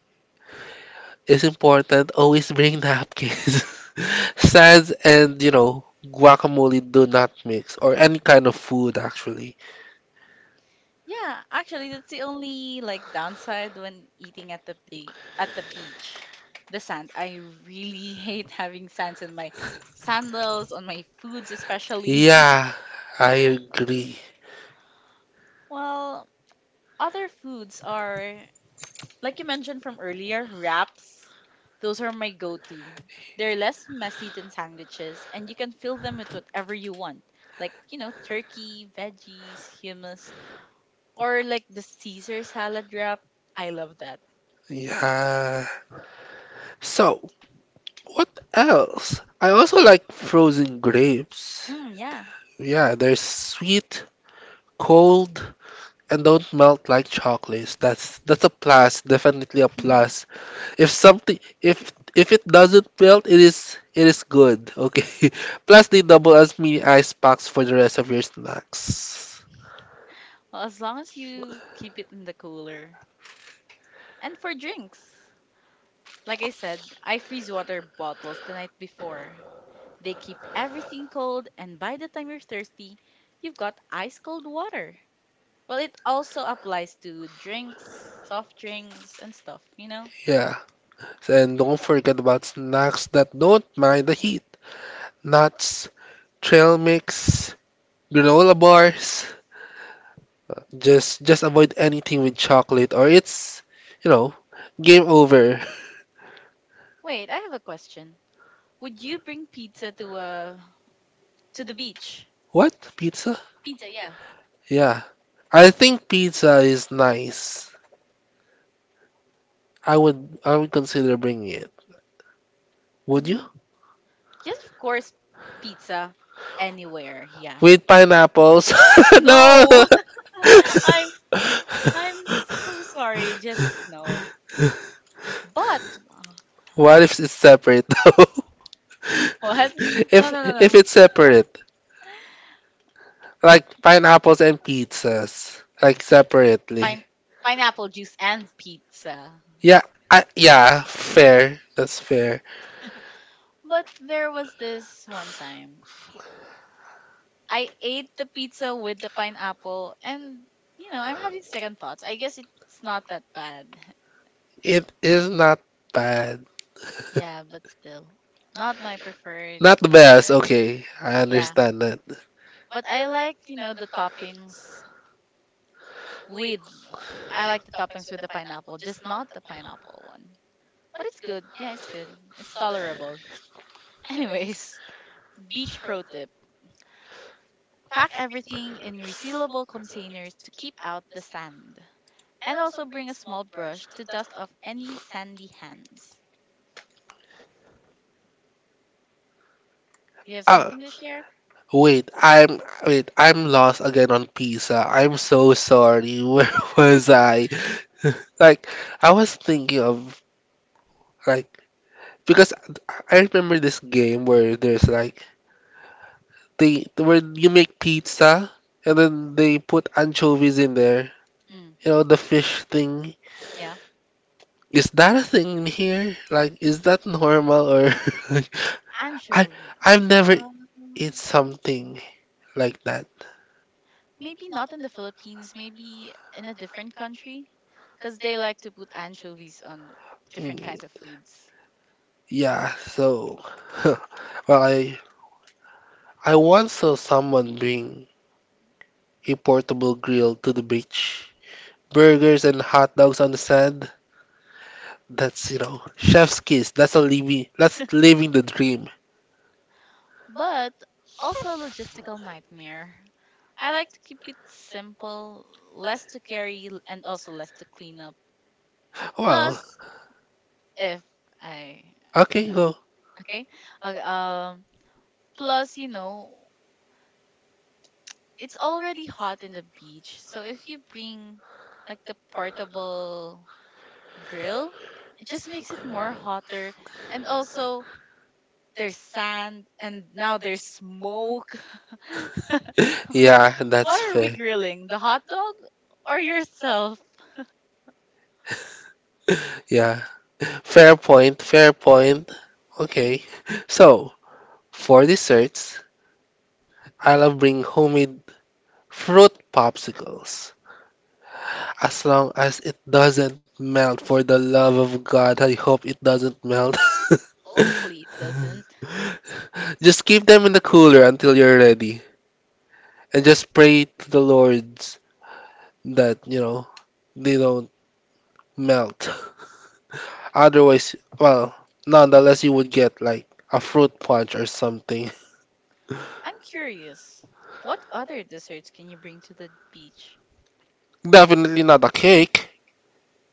S2: is important, always bring napkins. *laughs* Sands and, guacamole do not mix, or any kind of food actually.
S1: Yeah, actually, that's the only like downside when eating at the be at the beach. The sand. I really *laughs* hate having sands in my sandals, on my foods especially. *laughs*
S2: Yeah, I agree.
S1: Well, other foods are like you mentioned from earlier, wraps. Those are my go-to. They're less messy than sandwiches, and you can fill them with whatever you want, like, you know, turkey, veggies, hummus, or like the Caesar salad wrap. I love that.
S2: Yeah. So, what else? I also like frozen grapes.
S1: Mm, yeah.
S2: Yeah, they're sweet, cold, and don't melt like chocolates. That's a plus, definitely a plus.
S1: *laughs*
S2: If something if it doesn't melt, it is good. Okay. *laughs* Plus they double
S1: I
S2: as mini
S1: agree.
S2: ice packs for the rest of your snacks.
S1: Well, as long as you keep it in the cooler. And for drinks, like I said, I freeze water bottles the night before. They keep everything cold, and by the time you're thirsty, you've got ice cold water. Well, it also applies to drinks, soft drinks, and stuff, you know?
S2: Yeah. And don't forget about snacks that don't mind the heat. Nuts, trail mix, granola bars. Just avoid anything with chocolate or it's you know, game over. *laughs*
S1: Wait, I have a question. Would you bring pizza to the beach?
S2: What? Pizza?
S1: Pizza, yeah.
S2: Yeah. I think pizza is nice. I would consider bringing it. Would you?
S1: Mm. Yes, of course, pizza anywhere. Yeah.
S2: With pineapples? *laughs* No!
S1: No. *laughs* I'm I'm so sorry. Just no. But uh,
S2: What if it's separate though?
S1: *gasps* what?
S2: *laughs*
S1: No,
S2: if
S1: no, no,
S2: if
S1: no.
S2: it's separate, like pineapples and pizzas, like separately.
S1: Pine pineapple juice and pizza.
S2: Yeah,
S1: Yeah.
S2: yeah, fair. That's fair.
S1: But there was this one time I ate the pizza with the pineapple and you know, I'm having second thoughts. I guess it's not that bad. *laughs*
S2: It is not bad.
S1: Yeah, but still not my preferred
S2: Not the best.
S1: flavor.
S2: Okay, I
S1: Yeah.
S2: understand that.
S1: But I like, you know, the toppings with I like the toppings with the pineapple, just not the pineapple one. But it's good. Yeah, it's good. It's tolerable. Anyways, *laughs* beach pro tip. Pack everything in resealable containers to keep out the sand. And also bring a small brush to dust off any sandy hands. Do you have
S2: Ah,
S1: something to share?
S2: wait, I'm wait, I'm lost again on pizza. I'm so sorry. *laughs* Where was I? *laughs* Like I was thinking of like because I remember this game where there's like they where you make pizza and then they put anchovies in there.
S1: Hmm,
S2: You know, the fish thing.
S1: yeah.
S2: Is that a thing in here? Is that normal or *laughs* like, I I've
S1: Anchovies.
S2: never eat
S1: Um.
S2: something like that.
S1: Maybe not in the Philippines, maybe in a different country, because they like to put anchovies on
S2: Mm,
S1: different kinds of foods.
S2: yeah, so *laughs* well I I once saw someone bring a portable grill to the beach. Burgers and hot dogs on the sand. That's, you know, chef's kiss. That's living the dream.
S1: But also a logistical nightmare. I like to keep it simple, less to carry and also less to clean up.
S2: Well,
S1: Plus, if I, you
S2: okay,
S1: know,
S2: go.
S1: okay, okay, plus, you know, it's already hot in the beach, so if you bring like the portable grill. It just makes it more hotter. And also, there's sand and now there's smoke. *laughs*
S2: Yeah, that's
S1: What are we
S2: fair.
S1: grilling? The hot dog or yourself?
S2: Yeah, fair point, fair point. Okay, so for desserts, I love bring homemade fruit popsicles. As long as it doesn't melt, for the love of God, I hope it doesn't melt. *laughs*
S1: Hopefully, it doesn't.
S2: Just keep them in the cooler until you're ready, and just pray to the Lord that you know they don't melt. Otherwise, nonetheless, you would get like a fruit punch or something. *laughs*
S1: I'm curious. What other desserts can you bring to the beach?
S2: Definitely not a cake.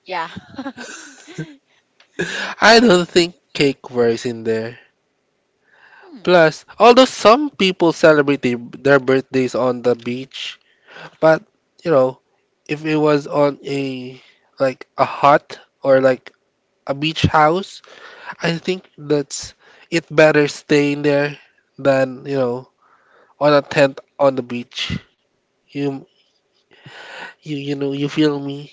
S1: Yeah. *laughs*
S2: I don't think cake wears in there.
S1: Hmm.
S2: Plus, although some people celebrate their birthdays on the beach, but you know, if it was on a a hut or like a beach house, I think that's it better stay in there than, you know, on a tent on the beach. You you know you feel me.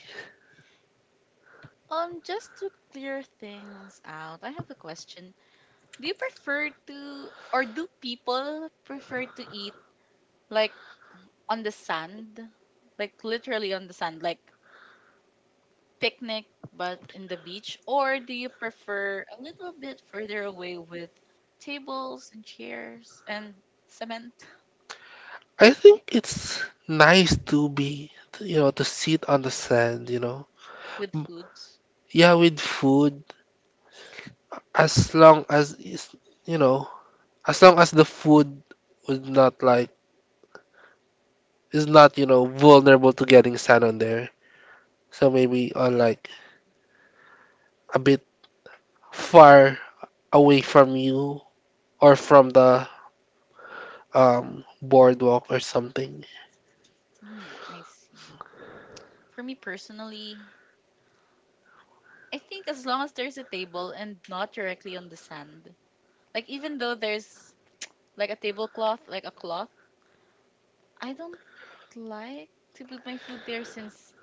S1: Just to clear things out, I have a question. Do you prefer to, or do people prefer to eat like on the sand, like literally on the sand, like picnic but in the beach, or do you prefer a little bit further away with tables and chairs and cement
S2: I think it's nice to be you know to sit on the sand. You know,
S1: *laughs* with
S2: M-
S1: foods?
S2: yeah, with food as long as it's, you know as long as the food was not like is not you know vulnerable to getting sand on there. So maybe on like a bit far away from you or from the boardwalk or something.
S1: Mm, I see. For me personally, I think as long as there's a table and not directly on the sand, like even though there's like a tablecloth, like a cloth, I don't like to put my food there since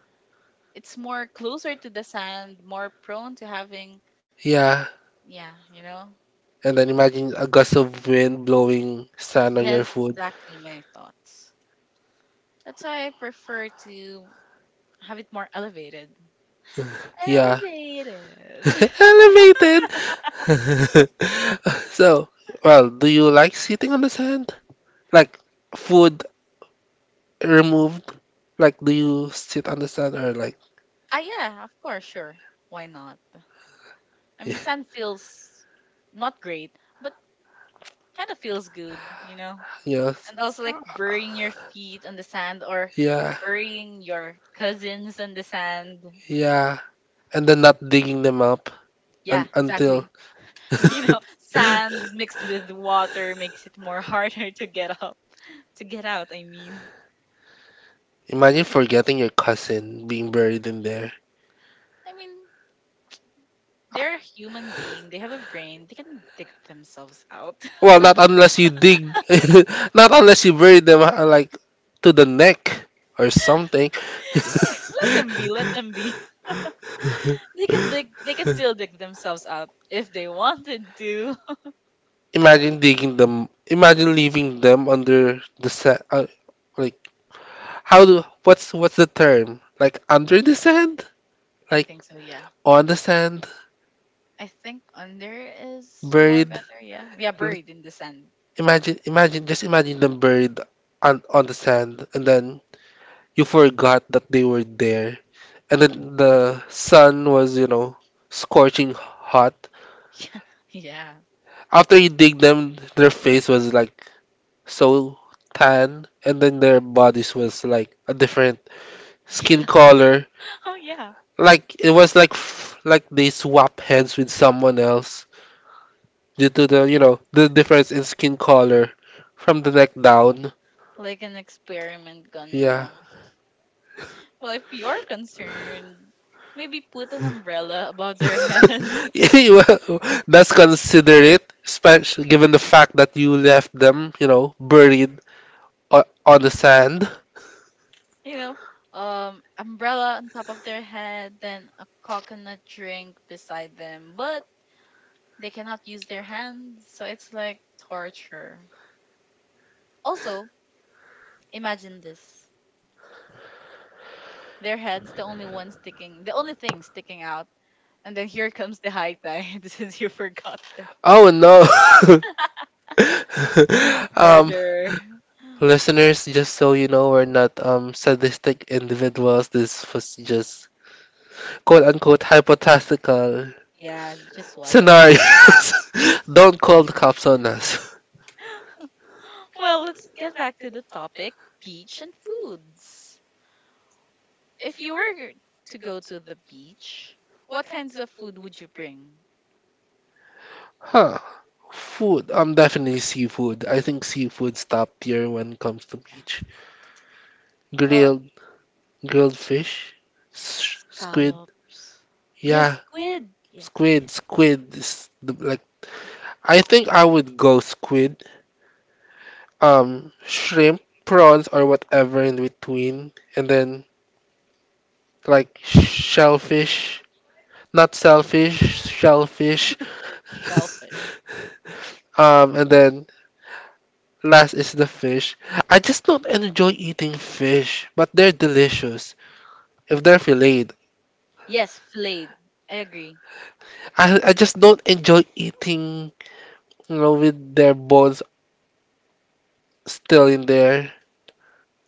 S1: it's more closer to the sand, more prone to having,
S2: Yeah,
S1: yeah, you know?
S2: and then imagine a gust of wind blowing sand on your
S1: Yes,
S2: food.
S1: exactly my thoughts. That's why I prefer to have it more elevated.
S2: Yeah.
S1: Elevated.
S2: *laughs*
S1: *laughs*
S2: Elevated. *laughs* So, well, do you like sitting on the sand? Like food removed? Like do you sit on the sand or like
S1: Ah, yeah, of course, sure. Why not? I
S2: *laughs*
S1: mean,
S2: yes.
S1: sand
S2: Yeah.
S1: feels not great, but kind of feels good, you know? And also, like, burying your feet on the sand or burying your cousins on the sand.
S2: Yeah, and then not digging them up
S1: Yeah,
S2: un until
S1: exactly. *laughs* You know, sand mixed with water makes it more *laughs* harder to get up,
S2: *laughs* *laughs*
S1: to get out, I mean.
S2: Imagine forgetting your cousin being buried in there.
S1: I mean, they're a human being, they have a brain, they can dig themselves out.
S2: Well, not
S1: *laughs*
S2: unless you dig, *laughs* not unless you bury them like to the neck or something.
S1: Yeah, let them be, let them be. *laughs* They can dig, they can still
S2: *laughs*
S1: dig themselves out if they wanted to.
S2: Imagine
S1: *laughs*
S2: digging them. Imagine leaving them under the sand. Like how do what's the term? Like under the sand?
S1: I
S2: Like
S1: think so, yeah.
S2: on the sand?
S1: I think under is more
S2: Buried?
S1: better, yeah. Yeah, buried in the sand.
S2: Just imagine them buried on the sand, and then you forgot that they were there. And then the sun was, you know, scorching hot.
S1: *laughs* Yeah.
S2: After you dig them, their face was like so tan, and then their bodies was like a different
S1: Yeah.
S2: skin
S1: *laughs*
S2: color.
S1: Oh, yeah.
S2: Like it was like like they swap hands with someone else due to the, you know, the difference in skin color from the neck down.
S1: Like an experiment gone
S2: Yeah.
S1: wrong. Well, if you're concerned, maybe put an umbrella above their head. *laughs*
S2: *laughs* Yeah, well, that's considerate, especially given the fact that you left them, you know, buried on the sand.
S1: You know, umbrella on top of their head, then a coconut drink beside them. But they cannot use their hands, so it's like torture. Also, imagine this. Their head's the only one sticking, the only thing sticking out. And then here comes the high tide *laughs* since you forgot the
S2: Oh no. *laughs* um,
S1: murder.
S2: Listeners, just so you know, we're not sadistic individuals. This was just quote unquote hypothetical
S1: Yeah, just what ifs.
S2: scenarios. *laughs* Don't call the cops on us.
S1: Well, let's get back to the topic, beach and foods. If you were to go to the beach, what kinds of food would you bring?
S2: Huh. Food, definitely seafood. I think seafood's top tier when it comes to
S1: Yeah.
S2: beach.
S1: Oh,
S2: Grilled, grilled fish,
S1: yes,
S2: squid.
S1: scallops. Yes,
S2: Yeah,
S1: squid. Yeah, yeah, yeah.
S2: squid is the, like I think I would go squid, shrimp, prawns or whatever in between, and then like shellfish, not shellfish, shellfish,
S1: Shellfish.
S2: *laughs* and then last is the fish. I just don't enjoy eating fish, but they're delicious if they're filleted.
S1: Yes, filleted. I agree.
S2: I just don't enjoy eating, you know, with their bones still in there.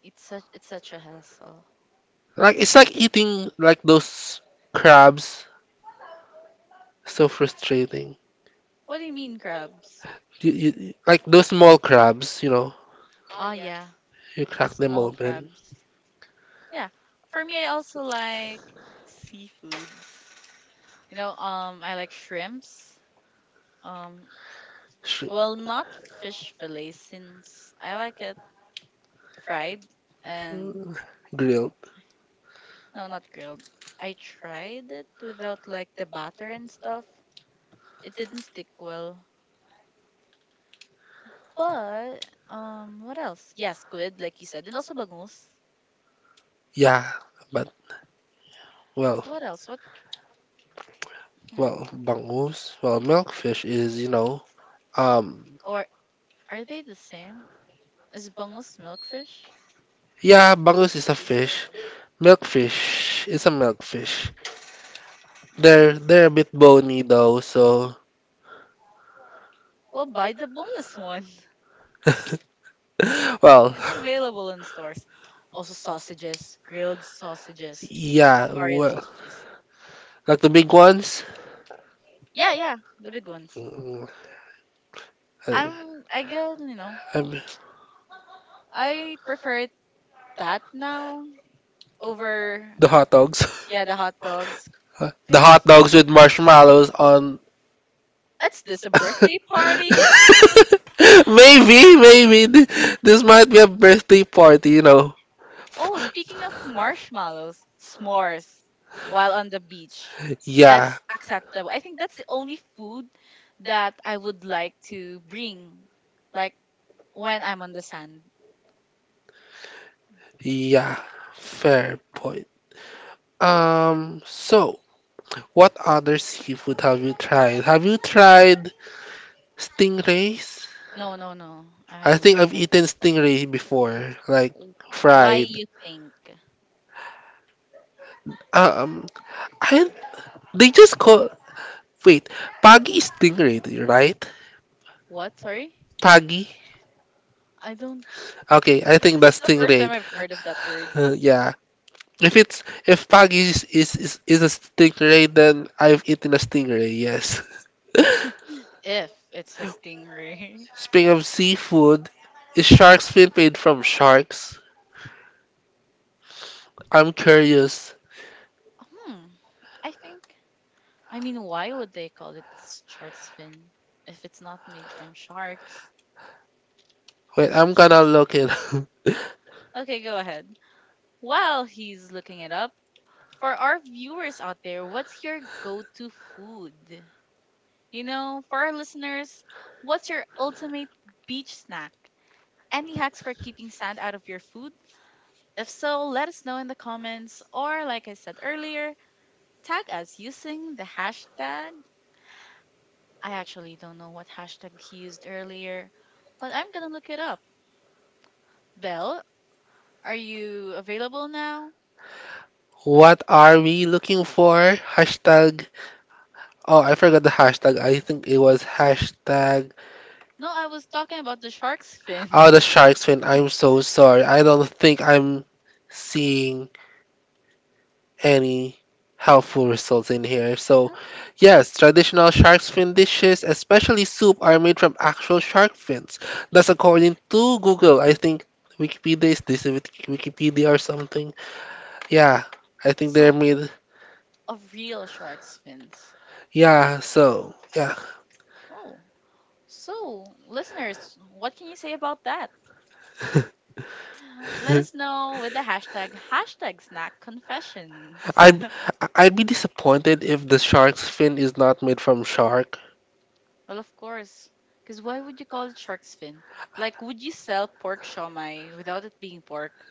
S1: It's such a hassle.
S2: Like it's like eating like those crabs. So frustrating.
S1: What do you mean crabs?
S2: You like those small crabs, you know,
S1: Oh yeah,
S2: you
S1: the
S2: crack them
S1: small
S2: open,
S1: crabs. Yeah. For me, I also like seafoods. You know, I like shrimps. Um,
S2: sh-
S1: well, not fish fillet since I like it fried and
S2: grilled.
S1: no, not grilled. I tried it without like the batter and stuff. It didn't stick well. But what else? Yeah, squid, like you said, and also bangus.
S2: Yeah, but well.
S1: What else? What? Hmm.
S2: Well, bangus. Well, milkfish is, you know, um,
S1: Or are they the same? Is bangus milkfish?
S2: yeah, bangus is a fish. Milkfish is a milkfish.
S1: Okay.
S2: They're a bit bony though, so
S1: Well, buy the boneless *laughs* one.
S2: *laughs* well,
S1: It's available in stores. Also sausages, grilled sausages,
S2: yeah,
S1: Hungarian
S2: well,
S1: sausages.
S2: like the big ones.
S1: Yeah, yeah, the big ones.
S2: Mm, uh,
S1: I guess, you know,
S2: um,
S1: I prefer it that now over,
S2: the hot dogs,
S1: yeah, the hot dogs.
S2: *laughs* the
S1: Because
S2: hot dogs with marshmallows on.
S1: it's this a birthday party?
S2: *laughs*
S1: *laughs* Uh,
S2: Maybe, maybe this might be a birthday party, you know.
S1: oh, speaking of marshmallows, s'mores while on the beach.
S2: Yeah,
S1: That's acceptable. I think that's the only food that I would like to bring. Like when I'm on the sand.
S2: yeah, fair point. So what other seafood have you tried? Have you tried stingrays?
S1: No, no, no. I
S2: I
S1: haven't
S2: think
S1: tried
S2: I've
S1: that.
S2: eaten stingray before, like
S1: W- Why
S2: fried.
S1: you think?
S2: Um, I they just call wait, pagi is stingray, right?
S1: What? Sorry?
S2: Pagi.
S1: I don't.
S2: Okay, I
S1: It,
S2: think
S1: this is
S2: that's
S1: the first time
S2: stingray.
S1: I've heard of that word.
S2: *laughs* Yeah. If it's if pagi is, is a stingray, then I've eaten a stingray. Yes. *laughs*
S1: If it's a stingray. *laughs*
S2: Speaking of seafood, is shark's fin made from sharks? I'm curious.
S1: Hmm. I think. I mean, why would they call it shark's fin if it's not made from sharks?
S2: Wait, I'm gonna
S1: Since.
S2: look it. *laughs*
S1: Okay, go ahead. While he's looking it up, for our viewers out there, what's your go-to food? You know, for our listeners, what's your ultimate beach snack? Any hacks for keeping sand out of your food? If so, let us know in the comments, or like I said earlier, tag us using the hashtag. I actually don't know what hashtag he used earlier, but I'm gonna look it up. Belle, are you available now?
S2: What are we looking for? Hashtag. Oh, I forgot the hashtag. I think it was hashtag.
S1: No, I was talking about the shark's fin.
S2: Oh, the shark's fin.
S1: *laughs*
S2: I'm so sorry. I don't think I'm seeing any helpful results in here. So,
S1: Okay.
S2: yes, traditional shark's fin dishes, especially soup, are made from actual shark fins. That's according to Google. I think Wikipedia is this Wikipedia or something. Yeah, I think they're
S1: So,
S2: made.
S1: of real shark's fins.
S2: Yeah, so yeah.
S1: Oh, so listeners, what can you say about that? Let us know with
S2: *laughs*
S1: the hashtag hashtag snack confessions.
S2: I'd
S1: *laughs*
S2: I'd be disappointed if the shark's fin is not made from shark.
S1: Well, of course, because why would you call it shark's fin? Like, would you sell pork shawmai without it being pork?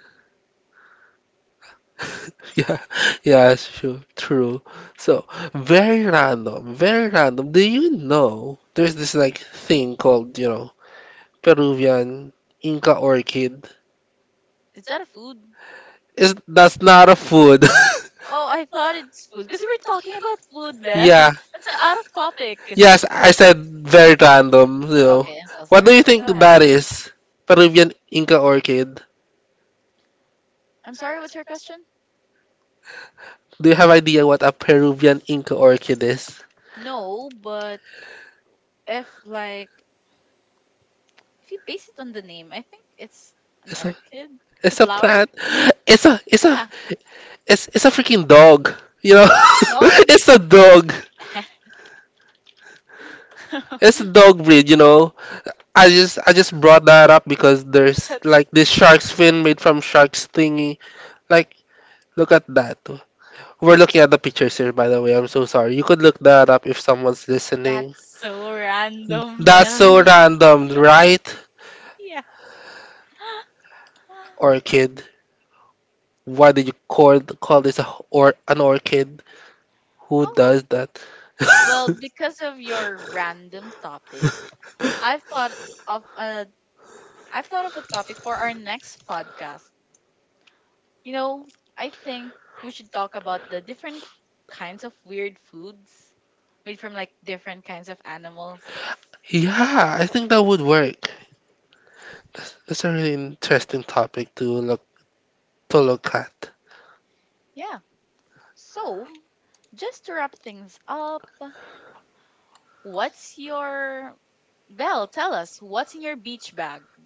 S2: Yeah, *laughs* yeah, sure, true. So, very random, very random. Do you know there's this like thing called, you know, Peruvian Inca orchid?
S1: Is that a food?
S2: Is That's not a food. *laughs*
S1: Oh, I thought it's food because we were talking about food, Belle.
S2: Yeah.
S1: *laughs* That's a out of topic.
S2: Yes, I said very random, you know.
S1: Okay, I'm so
S2: What do you
S1: sorry.
S2: think
S1: Go ahead.
S2: that is? Peruvian Inca orchid.
S1: I'm sorry, what's your question?
S2: Do you have idea what a Peruvian Inca orchid is?
S1: No, but if like if you base it on the name, I think it's an
S2: It's a
S1: orchid. It's a
S2: it's a
S1: flower.
S2: plant. It's a it's a
S1: Yeah,
S2: It's it's a freaking dog. You know,
S1: it's a
S2: *laughs*
S1: dog.
S2: it's a dog.
S1: *laughs*
S2: It's a dog breed. You know, I just brought that up because there's
S1: That's
S2: like this shark's fin made from shark's thingy. Like, look at that. We're looking at the pictures here, by the way. I'm so sorry. You could look that up if someone's listening.
S1: that's so random,
S2: That's so
S1: Belle. *laughs*
S2: random, right?
S1: Yeah.
S2: Orchid. Why did you call this a h- or an orchid? Who
S1: Oh,
S2: does that?
S1: well, because of your random topic,
S2: *laughs*
S1: I've thought of a I've thought of a topic for our next podcast. You know, I think we should talk about the different kinds of weird foods made from like different kinds of animals.
S2: Yeah, I think that would work. That's a really interesting topic to look at.
S1: Yeah. So, just to wrap things up, what's your Belle, tell us, what's in your beach bag?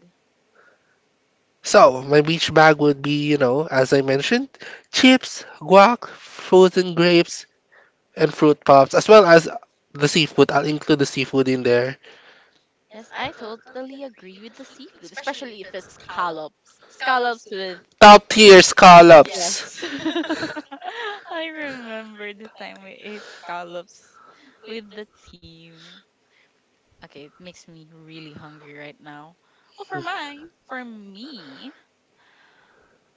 S2: So, my beach bag would be, you know, as I mentioned, chips, guac, frozen grapes, and fruit pops, as well as the seafood. I'll include the seafood in there.
S1: Yes, I totally agree with the seafood, especially if it's scallops. Scallops with
S2: Top tier scallops.
S1: yes. *laughs* I remember the time we ate scallops with the team. Okay, it makes me really hungry right now. Well, for mine, for me,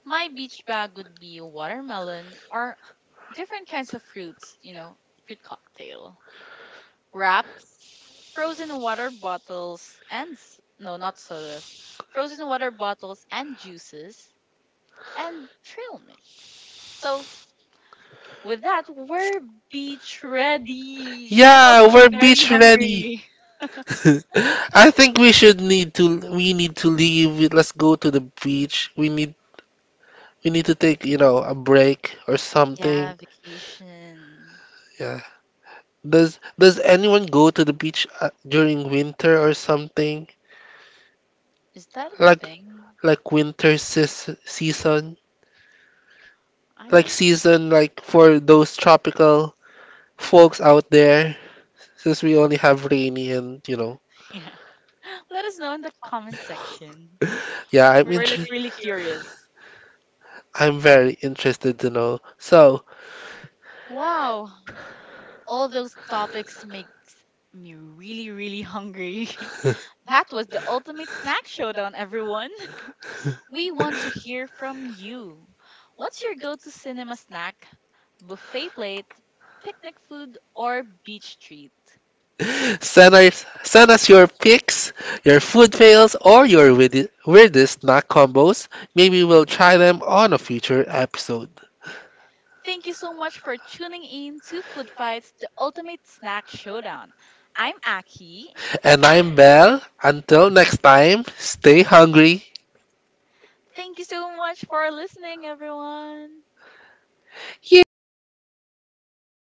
S1: my beach bag would be watermelon or different kinds of fruits, you know, fruit cocktail, wraps, frozen water bottles, and no, not sodas, frozen water bottles and juices, and trail mix. So, with that, we're beach ready and
S2: Yeah,
S1: also
S2: we're
S1: very
S2: beach ready.
S1: hungry. *laughs*
S2: *laughs* I think we need to leave. Let's go to the beach. We need you need to take, you know, a break or something.
S1: Yeah, vacation.
S2: Yeah. Does anyone go to the beach during winter or something?
S1: Is that a
S2: Like
S1: thing?
S2: like winter season?
S1: I
S2: Like
S1: don't.
S2: season like
S1: *laughs*
S2: for those tropical folks out there since we only have rainy and, you know.
S1: Yeah. *laughs* Let us know in the comment section.
S2: Yeah, I'm
S1: We're like
S2: interested.
S1: really curious.
S2: I'm very interested to know. So,
S1: Wow, all those topics makes me really, really hungry.
S2: *laughs*
S1: *laughs* That was the ultimate snack showdown, everyone. *laughs* We want to hear from you. What's your go-to cinema snack? Buffet plate, picnic food, or beach treat?
S2: Send us your picks, your food fails, or your weirdest snack combos. Maybe we'll try them on a future episode.
S1: Thank you so much for tuning in to Food Fights, the ultimate snack showdown. I'm Aki.
S2: And I'm Belle. Until next time, stay hungry.
S1: Thank you so much for listening, everyone.
S2: Yay!